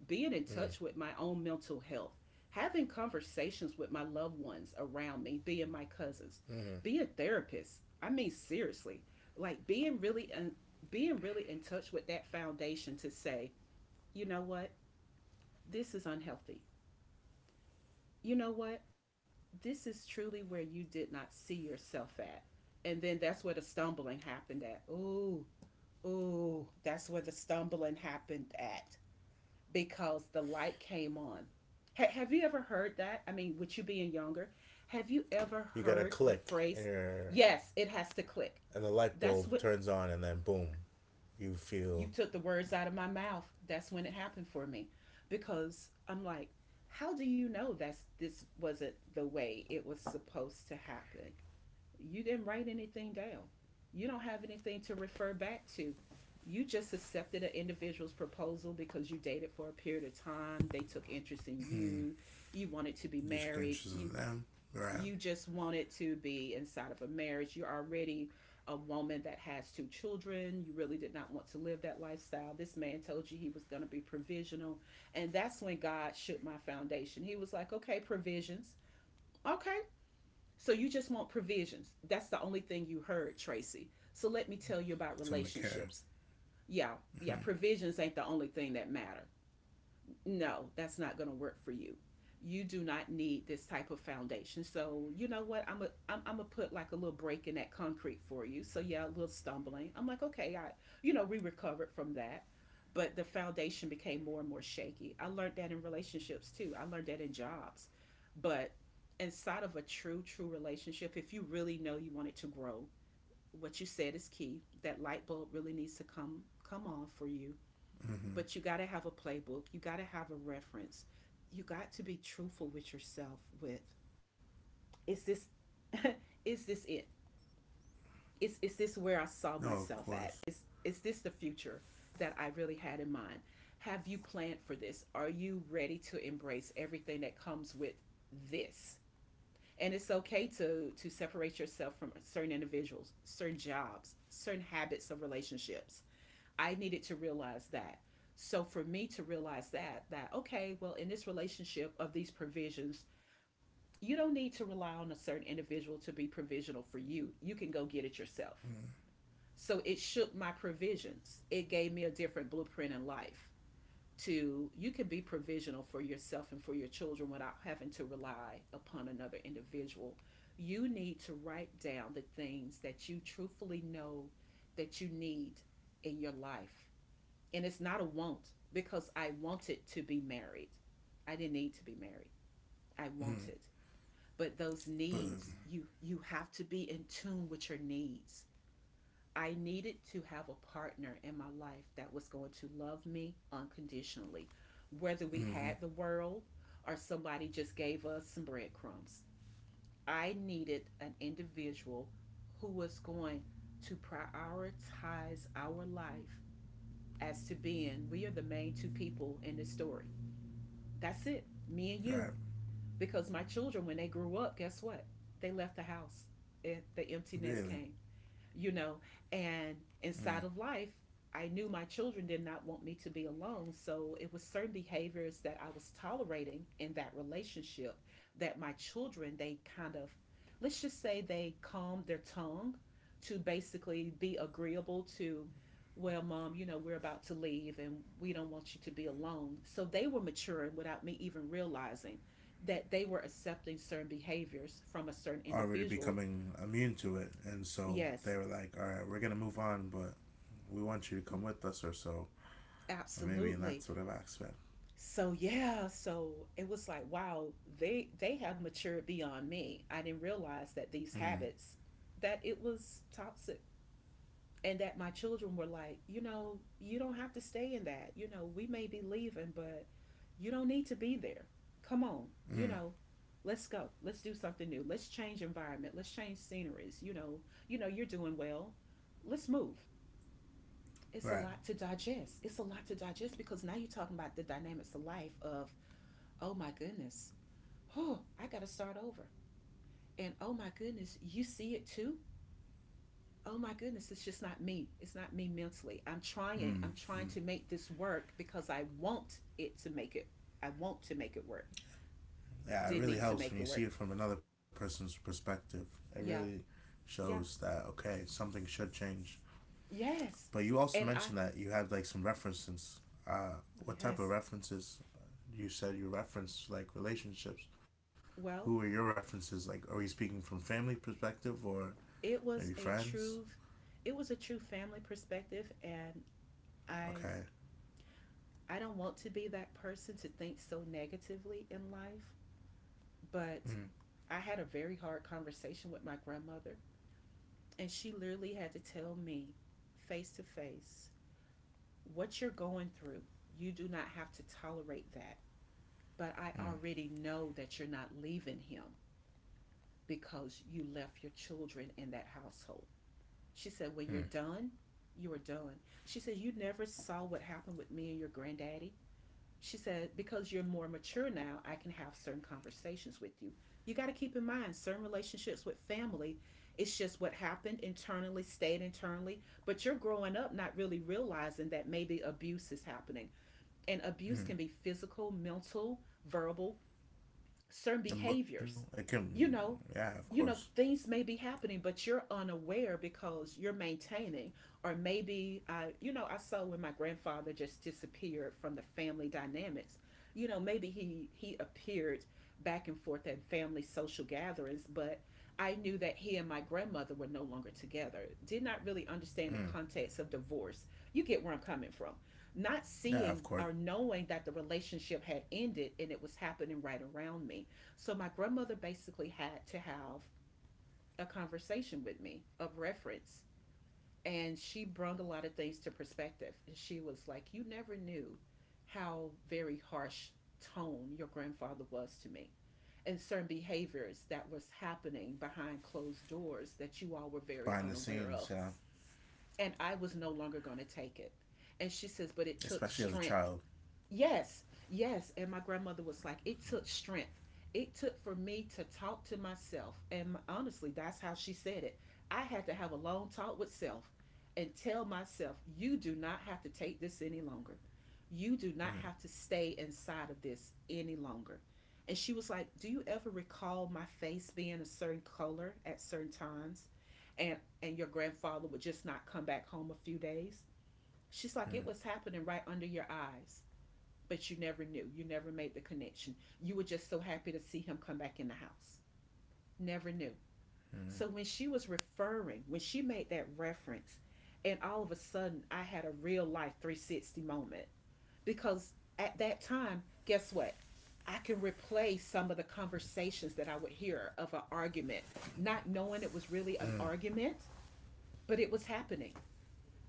S1: being in touch
S2: Mm.
S1: with my own mental health, having conversations with my loved ones around me, being my cousins, being a therapist. I mean, seriously, like being really in touch with that foundation to say, you know what, this is unhealthy. You know what, this is truly where you did not see yourself at. And then that's where the stumbling happened at. Ooh, ooh, that's where the stumbling happened at, because the light came on. Have you ever heard that? I mean, with you being younger, have you ever
S2: You got a
S1: heard the
S2: click and
S1: phrase,
S2: your
S1: yes, it has to click?
S2: and the light
S1: That's
S2: bulb
S1: what,
S2: turns on and then boom. You
S1: you
S2: feel
S1: took the words out of my mouth. That's when it happened for me because I'm like, how do you know that's this wasn't the way it was supposed to happen? You didn't write anything down. You don't have anything to refer back to. You just accepted an individual's proposal because you dated for a period of time. They took interest in you. You wanted to be
S2: you took
S1: married.
S2: interest in them. Right.
S1: You just wanted to be inside of a marriage. You're already a woman that has two children. You really did not want to live that lifestyle. This man told you he was going to be provisional. And that's when God shook my foundation. He was like, okay, provisions. Okay, so you just want provisions. That's the only thing you heard, Tracy. So let me tell you about
S2: Something to care.
S1: relationships. Yeah, yeah, provisions ain't the only thing that matter, no, that's not going to work for you. You do not need this type of foundation. So you know what? I'm gonna put like a little break in that concrete for you. So yeah, a little stumbling. I'm like, okay, I, you know, we recovered from that, but the foundation became more and more shaky. I learned that in relationships too. I learned that in jobs, but inside of a true relationship, if you really know you want it to grow, what you said is key. That light bulb really needs to come on for you, but you got to have a playbook, you got to have a reference. You got to be truthful with yourself with, is this <laughs> is this it? Is this where I
S2: No,
S1: saw
S2: of
S1: myself
S2: course.
S1: at? Is this the future that I really had in mind? Have you planned for this? Are you ready to embrace everything that comes with this? And it's okay to separate yourself from certain individuals, certain jobs, certain habits of relationships. I needed to realize that. So for me to realize that, okay, well, in this relationship of these provisions, you don't need to rely on a certain individual to be provisional for you. You can go get it yourself. So it shook my provisions. It gave me a different blueprint in life, to you can be provisional for yourself and for your children without having to rely upon another individual. You need to write down the things that you truthfully know that you need in your life, and it's not a want because I wanted to be married. I didn't need to be married. I wanted. But those
S2: But
S1: needs, you have to be in tune with your needs. I needed to have a partner in my life that was going to love me unconditionally, whether we had
S2: mm-hmm.
S1: the world or somebody just gave us some breadcrumbs. I needed an individual who was going to prioritize our life as to being we are the main two people in this story. That's it, me and you.
S2: Right.
S1: Because my children, when they grew up, guess what? They left the house. It, the empty nest came,
S2: Really.
S1: you know, and inside of
S2: Mm.
S1: life, I knew my children did not want me to be alone. So it was certain behaviors that I was tolerating in that relationship that my children, they kind of, let's just say they calmed their tongue to basically be agreeable to, well, mom, you know, we're about to leave and we don't want you to be alone. So they were maturing without me even realizing that they were accepting certain behaviors from a certain
S2: Already
S1: individual.
S2: becoming immune to it. And so
S1: Yes,
S2: they were like, all right, we're going to move on, but we want you to come with us or so. Or maybe in
S1: absolutely.
S2: that sort of aspect.
S1: So yeah, so it was like, wow, they have matured beyond me. I didn't realize that these
S2: Mm,
S1: habits, that it was toxic, and that my children were like, you know, you don't have to stay in that. You know, we may be leaving, but you don't need to be there. Come on, you
S2: mm,
S1: know, let's go. Let's do something new. Let's change environment. Let's change sceneries. You know you're doing well. Let's move. It's a
S2: right.
S1: lot to digest. It's a lot to digest because now you're talking about the dynamics of life of, oh my goodness, oh, I got to start over. And oh my goodness, you see it too? Oh my goodness, it's just not me. It's not me mentally. I'm
S2: Mm.
S1: trying. I'm trying to make this work because I want it to make it. I want to make it work.
S2: Yeah, it
S1: Did
S2: really
S1: need to
S2: helps
S1: make
S2: when
S1: it
S2: you see
S1: work.
S2: it from another person's perspective. It really
S1: Yeah.
S2: shows
S1: Yeah.
S2: that, okay, something should change. But
S1: Yes.
S2: you also
S1: And
S2: mentioned
S1: I,
S2: that you had like some references. What type of
S1: yes.
S2: references? You said you referenced like relationships. Who were
S1: Well,
S2: your references? Like, are we speaking from family perspective or
S1: it
S2: maybe
S1: was a
S2: friends?
S1: true family perspective, and I
S2: Okay.
S1: I don't want to be that person to think so negatively in life. But
S2: Mm,
S1: I had a very hard conversation with my grandmother, and she literally had to tell me face to face, what you're going through, you do not have to tolerate that. But I
S2: mm,
S1: already know that you're not leaving him because you left your children in that household. She said, when you're
S2: mm,
S1: done, you are done. She said, you never saw what happened with me and your granddaddy. She said, because you're more mature now, I can have certain conversations with you. You got to keep in mind certain relationships with family, it's just what happened internally, stayed internally, but you're growing up not really realizing that maybe abuse is happening. And abuse can
S2: mm.
S1: be physical, mental, verbal, certain
S2: Emotional. It
S1: behaviors,
S2: can.
S1: you know,
S2: Yeah, of course.
S1: you know things may be happening but you're unaware because you're maintaining. Or maybe, I you know, I saw when my grandfather just disappeared from the family dynamics, you know, maybe he appeared back and forth at family social gatherings, but I knew that he and my grandmother were no longer together, did not really understand
S2: Mm.
S1: the context of divorce. You get where I'm coming from, not
S2: Yeah, of
S1: seeing
S2: course.
S1: or knowing that the relationship had ended and it was happening right around me. So my grandmother basically had to have a conversation with me of reference. And she brought a lot of things to perspective. And she was like, you never knew how very harsh tone your grandfather was to me, and certain behaviors that was happening behind closed doors that you all were
S2: Behind the
S1: very
S2: scenes. Yeah,
S1: unaware of. And I was no longer going to take it. And she says, but it
S2: especially
S1: took
S2: as a child.
S1: strength. Yes, yes. And my grandmother was like, it took strength. It took for me to talk to myself. And honestly, that's how she said it. I had to have a long talk with self and tell myself, you do not have to take this any longer. You do not have to stay inside of this any longer. And she was like, do you ever recall my face being a certain color at certain times? And your grandfather would just not come back home a few days? She's like, it was happening right under your eyes but you never knew. You never made the connection. You were just so happy to see him come back in the house. Never knew.
S2: Mm.
S1: So when she was referring, when she made that reference, and all of a sudden I had a real life 360 moment because at that time, guess what? I can replay some of the conversations that I would hear of an argument, not knowing it was really an argument, but it was happening.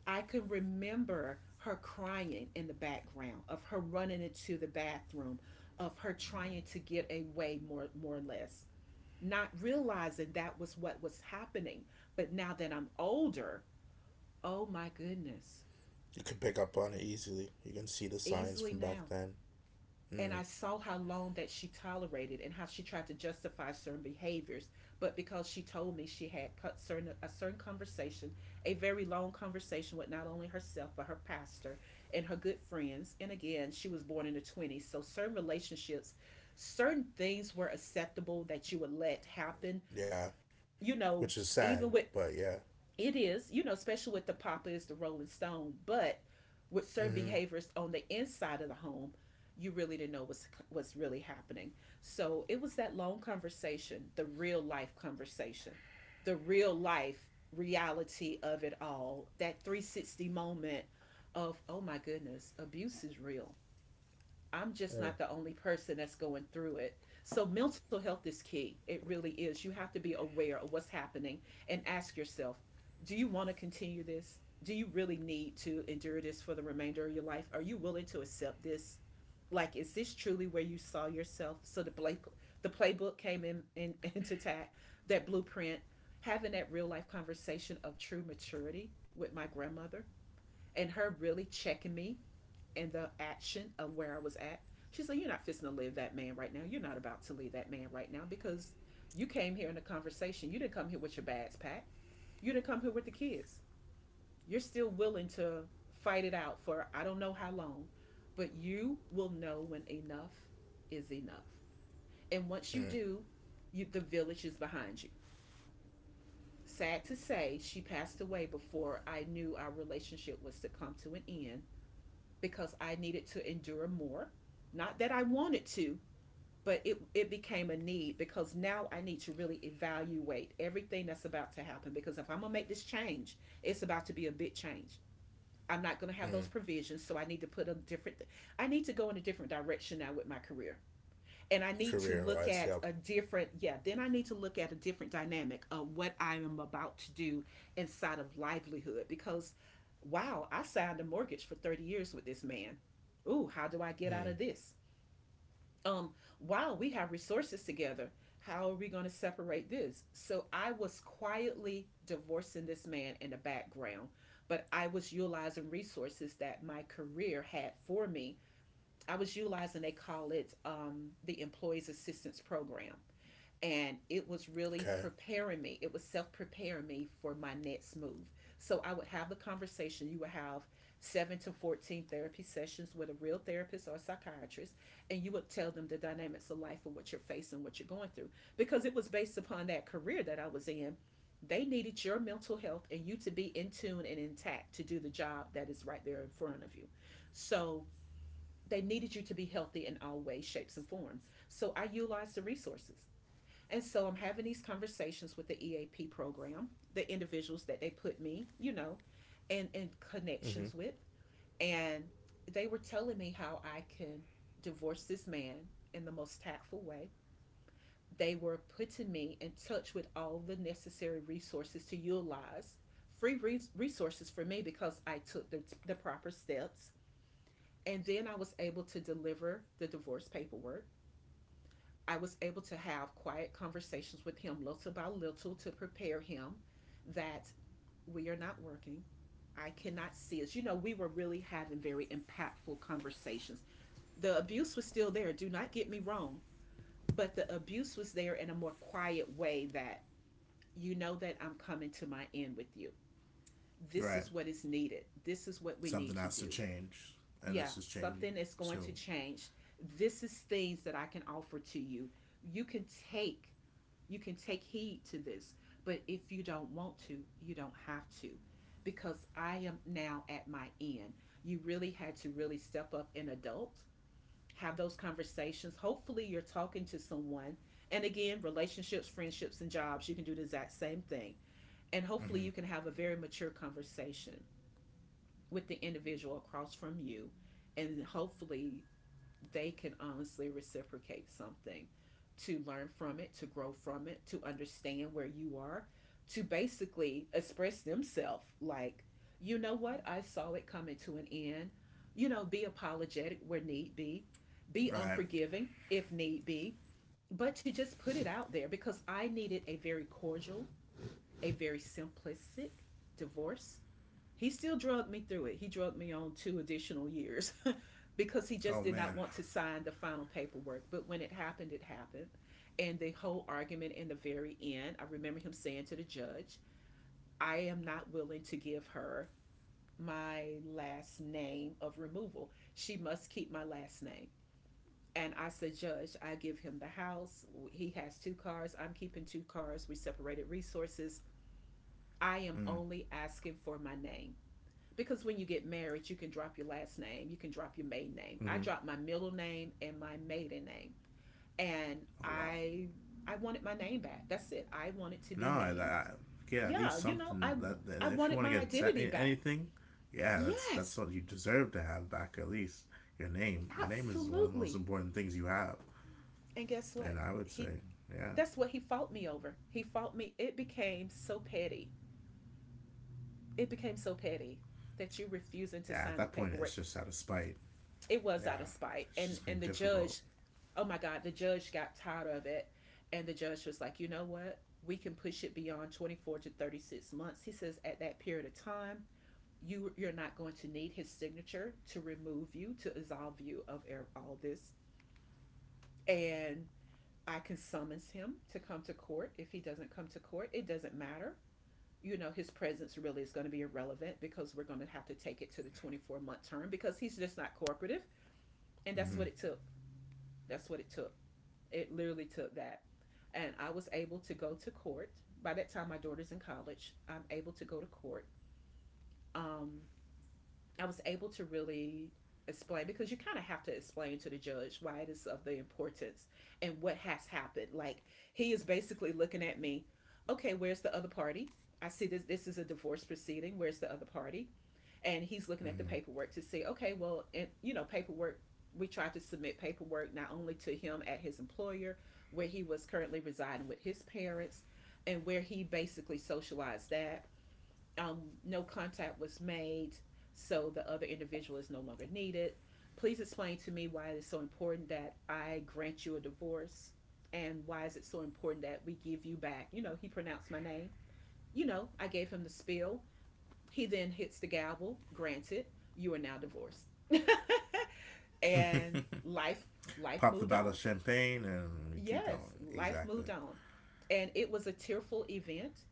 S1: I can remember her crying in the background, of her running into the bathroom, of her trying to get away more or less, not realizing that was what was happening. But now that I'm older, oh my goodness,
S2: You can pick up on it easily. You can see the signs
S1: easily
S2: from back
S1: now.
S2: then.
S1: And I
S2: Mm.
S1: saw how long that she tolerated and how she tried to justify certain behaviors. But because she told me she had cut certain a certain conversation, a very long conversation with not only herself but her pastor and her good friends. And again, she was born in the 20s, so certain relationships, certain things were acceptable that you would let happen.
S2: Yeah,
S1: You
S2: which is
S1: know,
S2: sad,
S1: even
S2: but
S1: with,
S2: yeah.
S1: it is, you know, especially with the Papas, the Rolling Stone, but with certain
S2: Mm-hmm.
S1: behaviors on the inside of the home, you really didn't know what's really happening. So it was that long conversation, the real life conversation, the real life reality of it all, that 360 moment of, oh my goodness, abuse is real. I'm just not the only person that's going through it. So, mental health is key. It really is. You have to be aware of what's happening and ask yourself, do you want to continue this? Do you really need to endure this for the remainder of your life? Are you willing to accept this? Like, is this truly where you saw yourself? So, the playbook came in, <laughs> into that blueprint. Having that real life conversation of true maturity with my grandmother and her really checking me and the action of where I was at. She's like, you're not fisting to leave that man right now. You're not about to leave that man right now because you came here in a conversation. You didn't come here with your bags packed. You didn't come here with the kids. You're still willing to fight it out for I don't know how long, but you will know when enough is enough. And once you
S2: Mm,
S1: do, the village is behind you. Sad to say, she passed away before I knew our relationship was to come to an end because I needed to endure more. Not that I wanted to, but it became a need because now I need to really evaluate everything that's about to happen. Because if I'm going to make this change, it's about to be a big change. I'm not going to have those
S2: mm.
S1: provisions. So I need to go in a different direction now with my career, and I need to
S2: Career
S1: look
S2: wise,
S1: at
S2: yep.
S1: a different, yeah, then I need to look at a different dynamic of what I am about to do inside of livelihood, because wow, I signed a mortgage for 30 years with this man. Ooh, how do I get out of
S2: Mm.
S1: this? Um, wow, we have resources together. How are we going to separate this? So I was quietly divorcing this man in the background, but I was utilizing resources that my career had for me. I was utilizing, they call it, the Employees Assistance Program. And it was
S2: Okay.
S1: really preparing me, it was self preparing me for my next move. So I would have the conversation. You would have 7 to 14 therapy sessions with a real therapist or a psychiatrist, and you would tell them the dynamics of life and what you're facing, what you're going through. Because it was based upon that career that I was in. They needed your mental health and you to be in tune and intact to do the job that is right there in front of you. So they needed you to be healthy in all ways, shapes, and form. So I utilized the resources. And so I'm having these conversations with the EAP program, the individuals that they put me, and in
S2: Mm-hmm.
S1: connections with. And they were telling me how I can divorce this man in the most tactful way. They were putting me in touch with all the necessary resources to utilize free resources for me because I took the proper steps, and then I was able to deliver the divorce paperwork. I was able to have quiet conversations with him little by little to prepare him that we are not working. I cannot see us. You know, we were really having very impactful conversations. The abuse was still there, do not get me wrong, but the abuse was there in a more quiet way that you know that I'm coming to my end with you. This
S2: Right.
S1: is what is needed. This is what we need to
S2: Something
S1: do.
S2: has to change,
S1: Yeah,
S2: and this is
S1: something
S2: changing
S1: is going to
S2: soon.
S1: change. This is things that I can offer to you. You can take you can take heed to this, but if you don't want to, you don't have to, because I am now at my end. You really had to really step up and adult, have those conversations. Hopefully you're talking to someone. And again, relationships, friendships, and jobs, you can do the exact same thing. And hopefully you can have a very mature conversation with the individual across from you, and hopefully they can honestly reciprocate something, to learn from it, to grow from it, to understand where you are, to basically express themselves like, you know what, I saw it coming to an end. You know, be apologetic where need be
S2: Right.
S1: unforgiving if need be, but to just put it out there because I needed a very cordial, a very simplistic divorce. He still drugged me through it. He drugged me on 2 additional years <laughs> because he
S2: Oh
S1: just did
S2: man.
S1: not want to sign the final paperwork. But when it happened, it happened. And the whole argument in the very end, I remember him saying to the judge, I am not willing to give her my last name of removal. She must keep my last name. And I said, Judge, I give him the house. He has two cars. I'm keeping two cars. We separated resources. I
S2: Mm.
S1: am only asking for my name, because when you get married, you can drop your last name, you can drop your maiden name.
S2: Mm-hmm.
S1: I dropped my middle name and my maiden name, and
S2: Oh wow.
S1: I I wanted my name back. That's it. I wanted to
S2: No,
S1: be named.
S2: yeah, at least
S1: Yeah,
S2: something
S1: I
S2: that
S1: I
S2: if you want
S1: wanted
S2: to
S1: my
S2: get
S1: identity back.
S2: anything, yeah, that's
S1: Yes,
S2: what you deserve to have back at least your name. Your name is one of the most
S1: absolutely.
S2: important things you have,
S1: And guess what?
S2: and I would
S1: He
S2: say, yeah,
S1: That's what he fought me over. He fought me. It became so petty. It became so petty, that you
S2: yeah. At
S1: refusing to
S2: that point,
S1: sign the
S2: it's just out
S1: paperwork.
S2: of spite.
S1: It
S2: Yeah,
S1: was out of spite.
S2: it's just being
S1: And the
S2: difficult.
S1: judge oh my God, the judge got tired of it. And the judge was like, you know what? We can push it beyond 24 to 36 months. He says, at that period of time, you're not going to need his signature to remove you, to absolve you of all this. And I can summons him to come to court. If he doesn't come to court, it doesn't matter. You know, his presence really is going to be irrelevant because we're going to have to take it to the 24-month term because he's just not cooperative. And that's what it
S2: Mm-hmm.
S1: took. That's what it took. It literally took that. And I was able to go to court. By that time, my daughter's in college. I'm able to go to court. Um, I was able to really explain, because you kind of have to explain to the judge why it is of the importance and what has happened. Like, he is basically looking at me, okay, where's the other party? I see this is a divorce proceeding. Where's the other party? And he's looking at the paperwork to see, okay, well, and paperwork we tried to submit paperwork not only to him at his employer where he was currently residing with his parents and where he basically socialized that, no contact was made, so the other individual is no longer needed. Please explain to me why it is so important that I grant you a divorce, and why is it so important that we give you back? You know, he pronounced my name. You know, I gave him the spiel. He then hits the gavel, granted, you are now divorced. And
S2: Mm-hmm. <laughs>
S1: life moved
S2: Pop the
S1: on.
S2: bottle of champagne and we
S1: Yes,
S2: keep going.
S1: life moved
S2: Exactly.
S1: on. And it was a tearful event.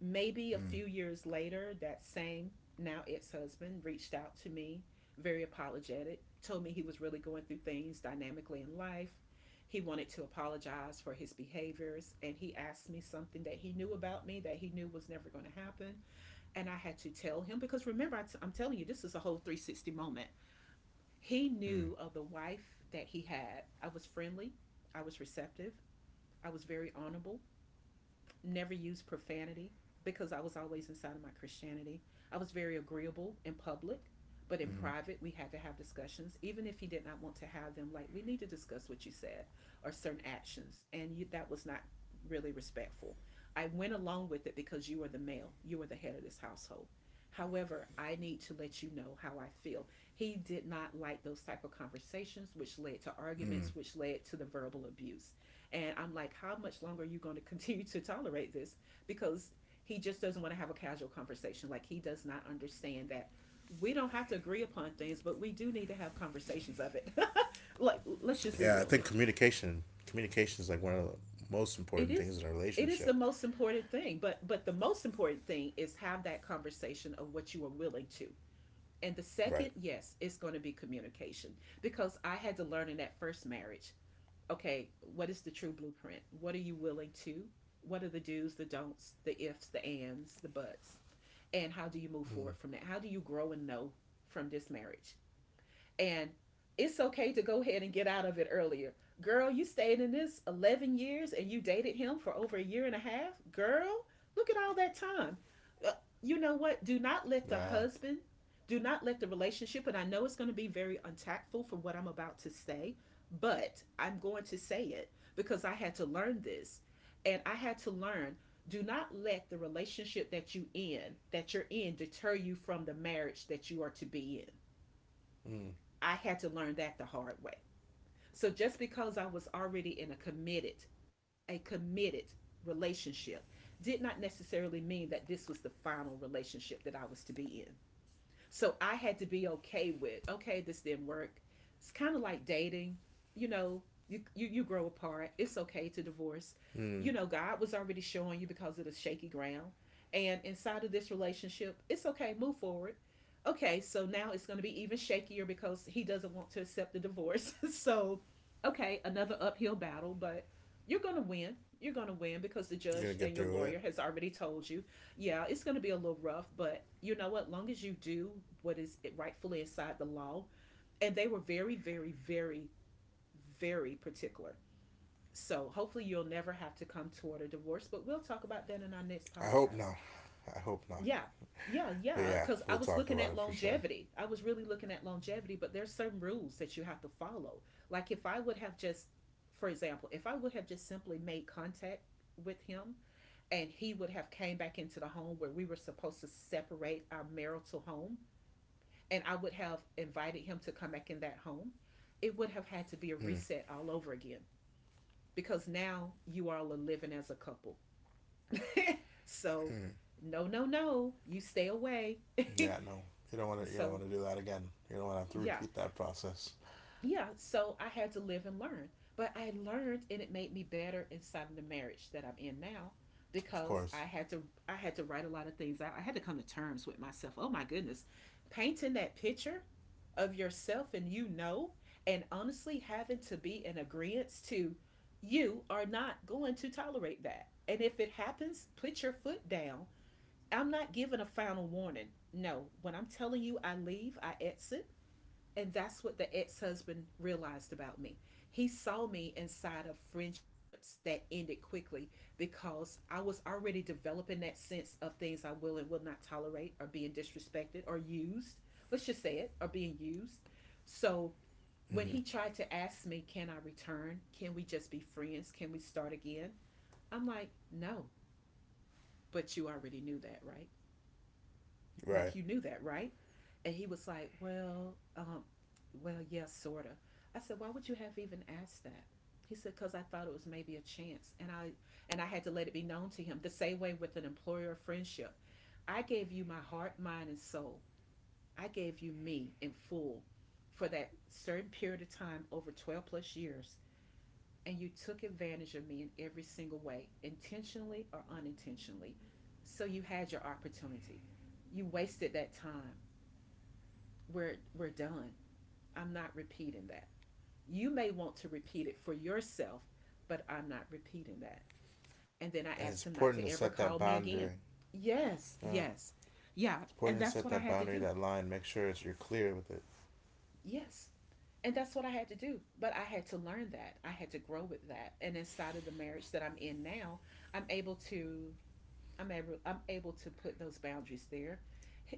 S1: Maybe a
S2: Mm-hmm.
S1: few years later, that same now ex husband reached out to me, very apologetic, told me he was really going through things dynamically in life. He wanted to apologize for his behaviors, and he asked me something that he knew about me that he knew was never going to happen. And I had to tell him, because remember, I'm telling you, this is a whole 360 moment. He knew of the wife that he had. I was friendly, I was receptive, I was very honorable, never used profanity because I was always inside of my Christianity. I was very agreeable in public, but in
S2: Mm-hmm.
S1: private, we had to have discussions, even if he did not want to have them. Like, we need to discuss what you said or certain actions. And you, that was not really respectful. I went along with it because you were the male, you were the head of this household. However, I need to let you know how I feel. He did not like those type of conversations, which led to arguments, which led to the verbal abuse. And I'm like, how much longer are you going to <laughs> continue to tolerate this? Because he just doesn't want to have a casual conversation. Like, he does not understand that we don't have to agree upon things, but we do need to have conversations of it. <laughs> Like, let's just be
S2: Yeah, I
S1: real
S2: think
S1: here.
S2: communication is like one of the most
S1: It
S2: important
S1: is
S2: things in a
S1: it is the
S2: relationship.
S1: most important thing, but the most important thing is have that conversation of what you are willing to, and the second
S2: Right.
S1: yes it's going to be communication because I had to learn in that first marriage. Okay, what is the true blueprint? What are you willing to? What are the do's, the don'ts, the ifs, the ands, the buts? And how do you move forward from that? How do you grow and know from this marriage? And it's okay to go ahead and get out of it earlier. Girl, you stayed in this 11 years and you dated him for over a year and a half. Girl, look at all that time. Uh, You know what? Do not let the
S2: Yeah.
S1: husband, do not let the relationship, and I know it's going to be very untactful for what I'm about to say, but I'm going to say it because I had to learn this. And I had to learn, do not let the relationship that you in, that you're in, deter you from the marriage that you are to be in.
S2: Mm.
S1: I had to learn that the hard way. So just because I was already in a committed relationship did not necessarily mean that this was the final relationship that I was to be in. So I had to be okay with, okay, this didn't work. It's kind of like dating, you know, you grow apart. It's okay to divorce.
S2: Mm.
S1: You know, God was already showing you because of the shaky ground. And inside of this relationship, it's okay, move forward. Okay, so now it's going to be even shakier because he doesn't want to accept the divorce. <laughs> So, okay, another uphill battle, but you're going to win. You're going to win because the
S2: You're gonna get
S1: judge and
S2: through
S1: your
S2: it.
S1: lawyer has already told you. Yeah, it's going to be a little rough, but you know what? Long as you do what is rightfully inside the law, and they were very, very, very, very particular. So hopefully you'll never have to come toward a divorce, but we'll talk about that in our next
S2: I hope
S1: podcast.
S2: not. I hope not.
S1: Yeah. Yeah,
S2: But
S1: yeah,
S2: yeah,
S1: because
S2: we'll
S1: I
S2: talk
S1: was
S2: about
S1: looking
S2: it
S1: at
S2: for sure.
S1: longevity. I was really looking at longevity, but there's certain rules that you have to follow. Like if I would have just, for example, if I would have just simply made contact with him and he would have came back into the home where we were supposed to separate our marital home and I would have invited him to come back in that home, it would have had to be a reset all over again because now you all are living as a couple. So,
S2: Mm.
S1: no, no, no, you stay away.
S2: Yeah. No. You don't want to. You don't
S1: So,
S2: want to do that again. You don't want to have to
S1: yeah,
S2: repeat that process.
S1: yeah, so I had to live and learn. But I learned, and it made me better inside of the marriage that I'm in now
S2: Of
S1: because
S2: course.
S1: I had to write a lot of things out. I had to come to terms with myself. Oh my goodness. Painting that picture of yourself, and you know, and honestly having to be in agreement to, you are not going to tolerate that. And if it happens, put your foot down. I'm not giving a final warning. No, when I'm telling you I leave, I exit, and that's what the ex husband realized about me. He saw me inside of friendships that ended quickly because I was already developing that sense of things I will and will not tolerate, or being disrespected or used. Let's just say it, or being used. So when
S2: Mm-hmm.
S1: he tried to ask me, can I return? Can we just be friends? Can we start again? I'm like, no, but you already knew that, right?
S2: Right.
S1: Like you knew that, right? And he was like, well, well, yes, yeah, sorta. I said, why would you have even asked that? He said, cause I thought it was maybe a chance, and I had to let it be known to him. The same way with an employer or friendship, I gave you my heart, mind, and soul. I gave you me in full for that certain period of time over 12 plus years, and you took advantage of me in every single way, intentionally or unintentionally. So you had your opportunity. You wasted that time. We're done. I'm not repeating that. You may want to repeat it for yourself, but I'm not repeating that. And then I
S2: And
S1: asked him
S2: it's
S1: not to
S2: important to
S1: ever
S2: set
S1: call
S2: that
S1: me again.
S2: boundary.
S1: Yes,
S2: Yeah.
S1: yes. Yeah,
S2: It's
S1: and
S2: important to
S1: that's
S2: set
S1: what I
S2: that
S1: had to
S2: boundary,
S1: do.
S2: that line. Make sure it's you're clear with it.
S1: Yes. And that's what I had to do. But I had to learn that. I had to grow with that. And inside of the marriage that I'm in now, I'm able to I'm able to put those boundaries there.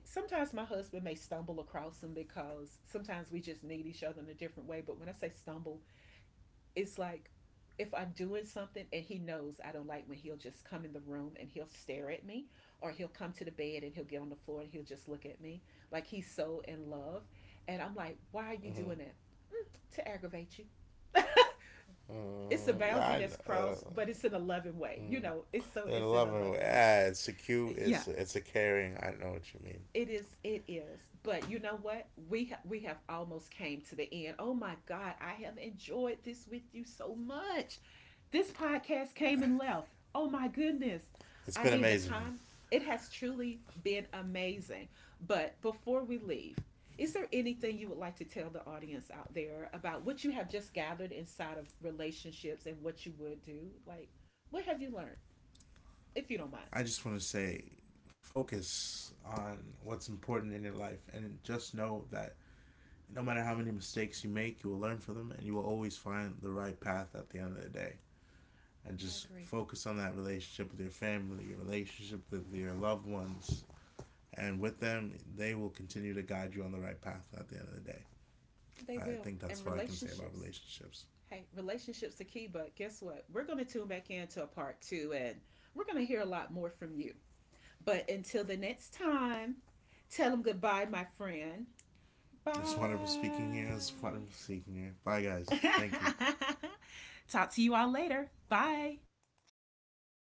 S1: Sometimes my husband may stumble across them because sometimes we just need each other in a different way. But when I say stumble, it's like if I'm doing something and he knows I don't like when he'll just come in the room and he'll stare at me, or he'll come to the bed and he'll get on the floor and he'll just look at me like he's so in love. And I'm like, why are you doing that? Mm, to aggravate you. It's a
S2: Mm, yeah.
S1: boundary
S2: I
S1: that's
S2: know.
S1: crossed,
S2: Uh,
S1: but it's in a loving way. You know, it's so
S2: and
S1: it's in a
S2: 11.
S1: loving way.
S2: Yeah. It's a cute.
S1: Yeah.
S2: It's a caring. I know what you mean.
S1: It is. It is. But you know what? We have almost came to the end. Oh my God! I have enjoyed this with you so much. This podcast came and left. Oh my goodness.
S2: It's
S1: I
S2: been
S1: mean, the
S2: amazing.
S1: time, it has truly been amazing. But before we leave, is there anything you would like to tell the audience out there about what you have just gathered inside of relationships and what you would do? Like, what have you learned, if you don't mind?
S2: I just want to say focus on what's important in your life and just know that no matter how many mistakes you make, you will learn from them and you will always find the right path at the end of the day. And
S1: I
S2: just
S1: agree.
S2: focus on that relationship with your family, your relationship with your loved ones, and with them, they will continue to guide you on the right path at the end of the day.
S1: They
S2: I
S1: will.
S2: think
S1: And
S2: that's what I can say about
S1: relationships.
S2: relationships.
S1: Hey, relationships are key, but guess what? We're going to tune back into a part two and we're going to hear a lot more from you. But until the next time, tell them goodbye, my friend.
S2: It's wonderful
S1: Bye.
S2: speaking here. It's wonderful speaking here. Bye, guys. Thank you.
S1: <laughs> Talk to you all later. Bye.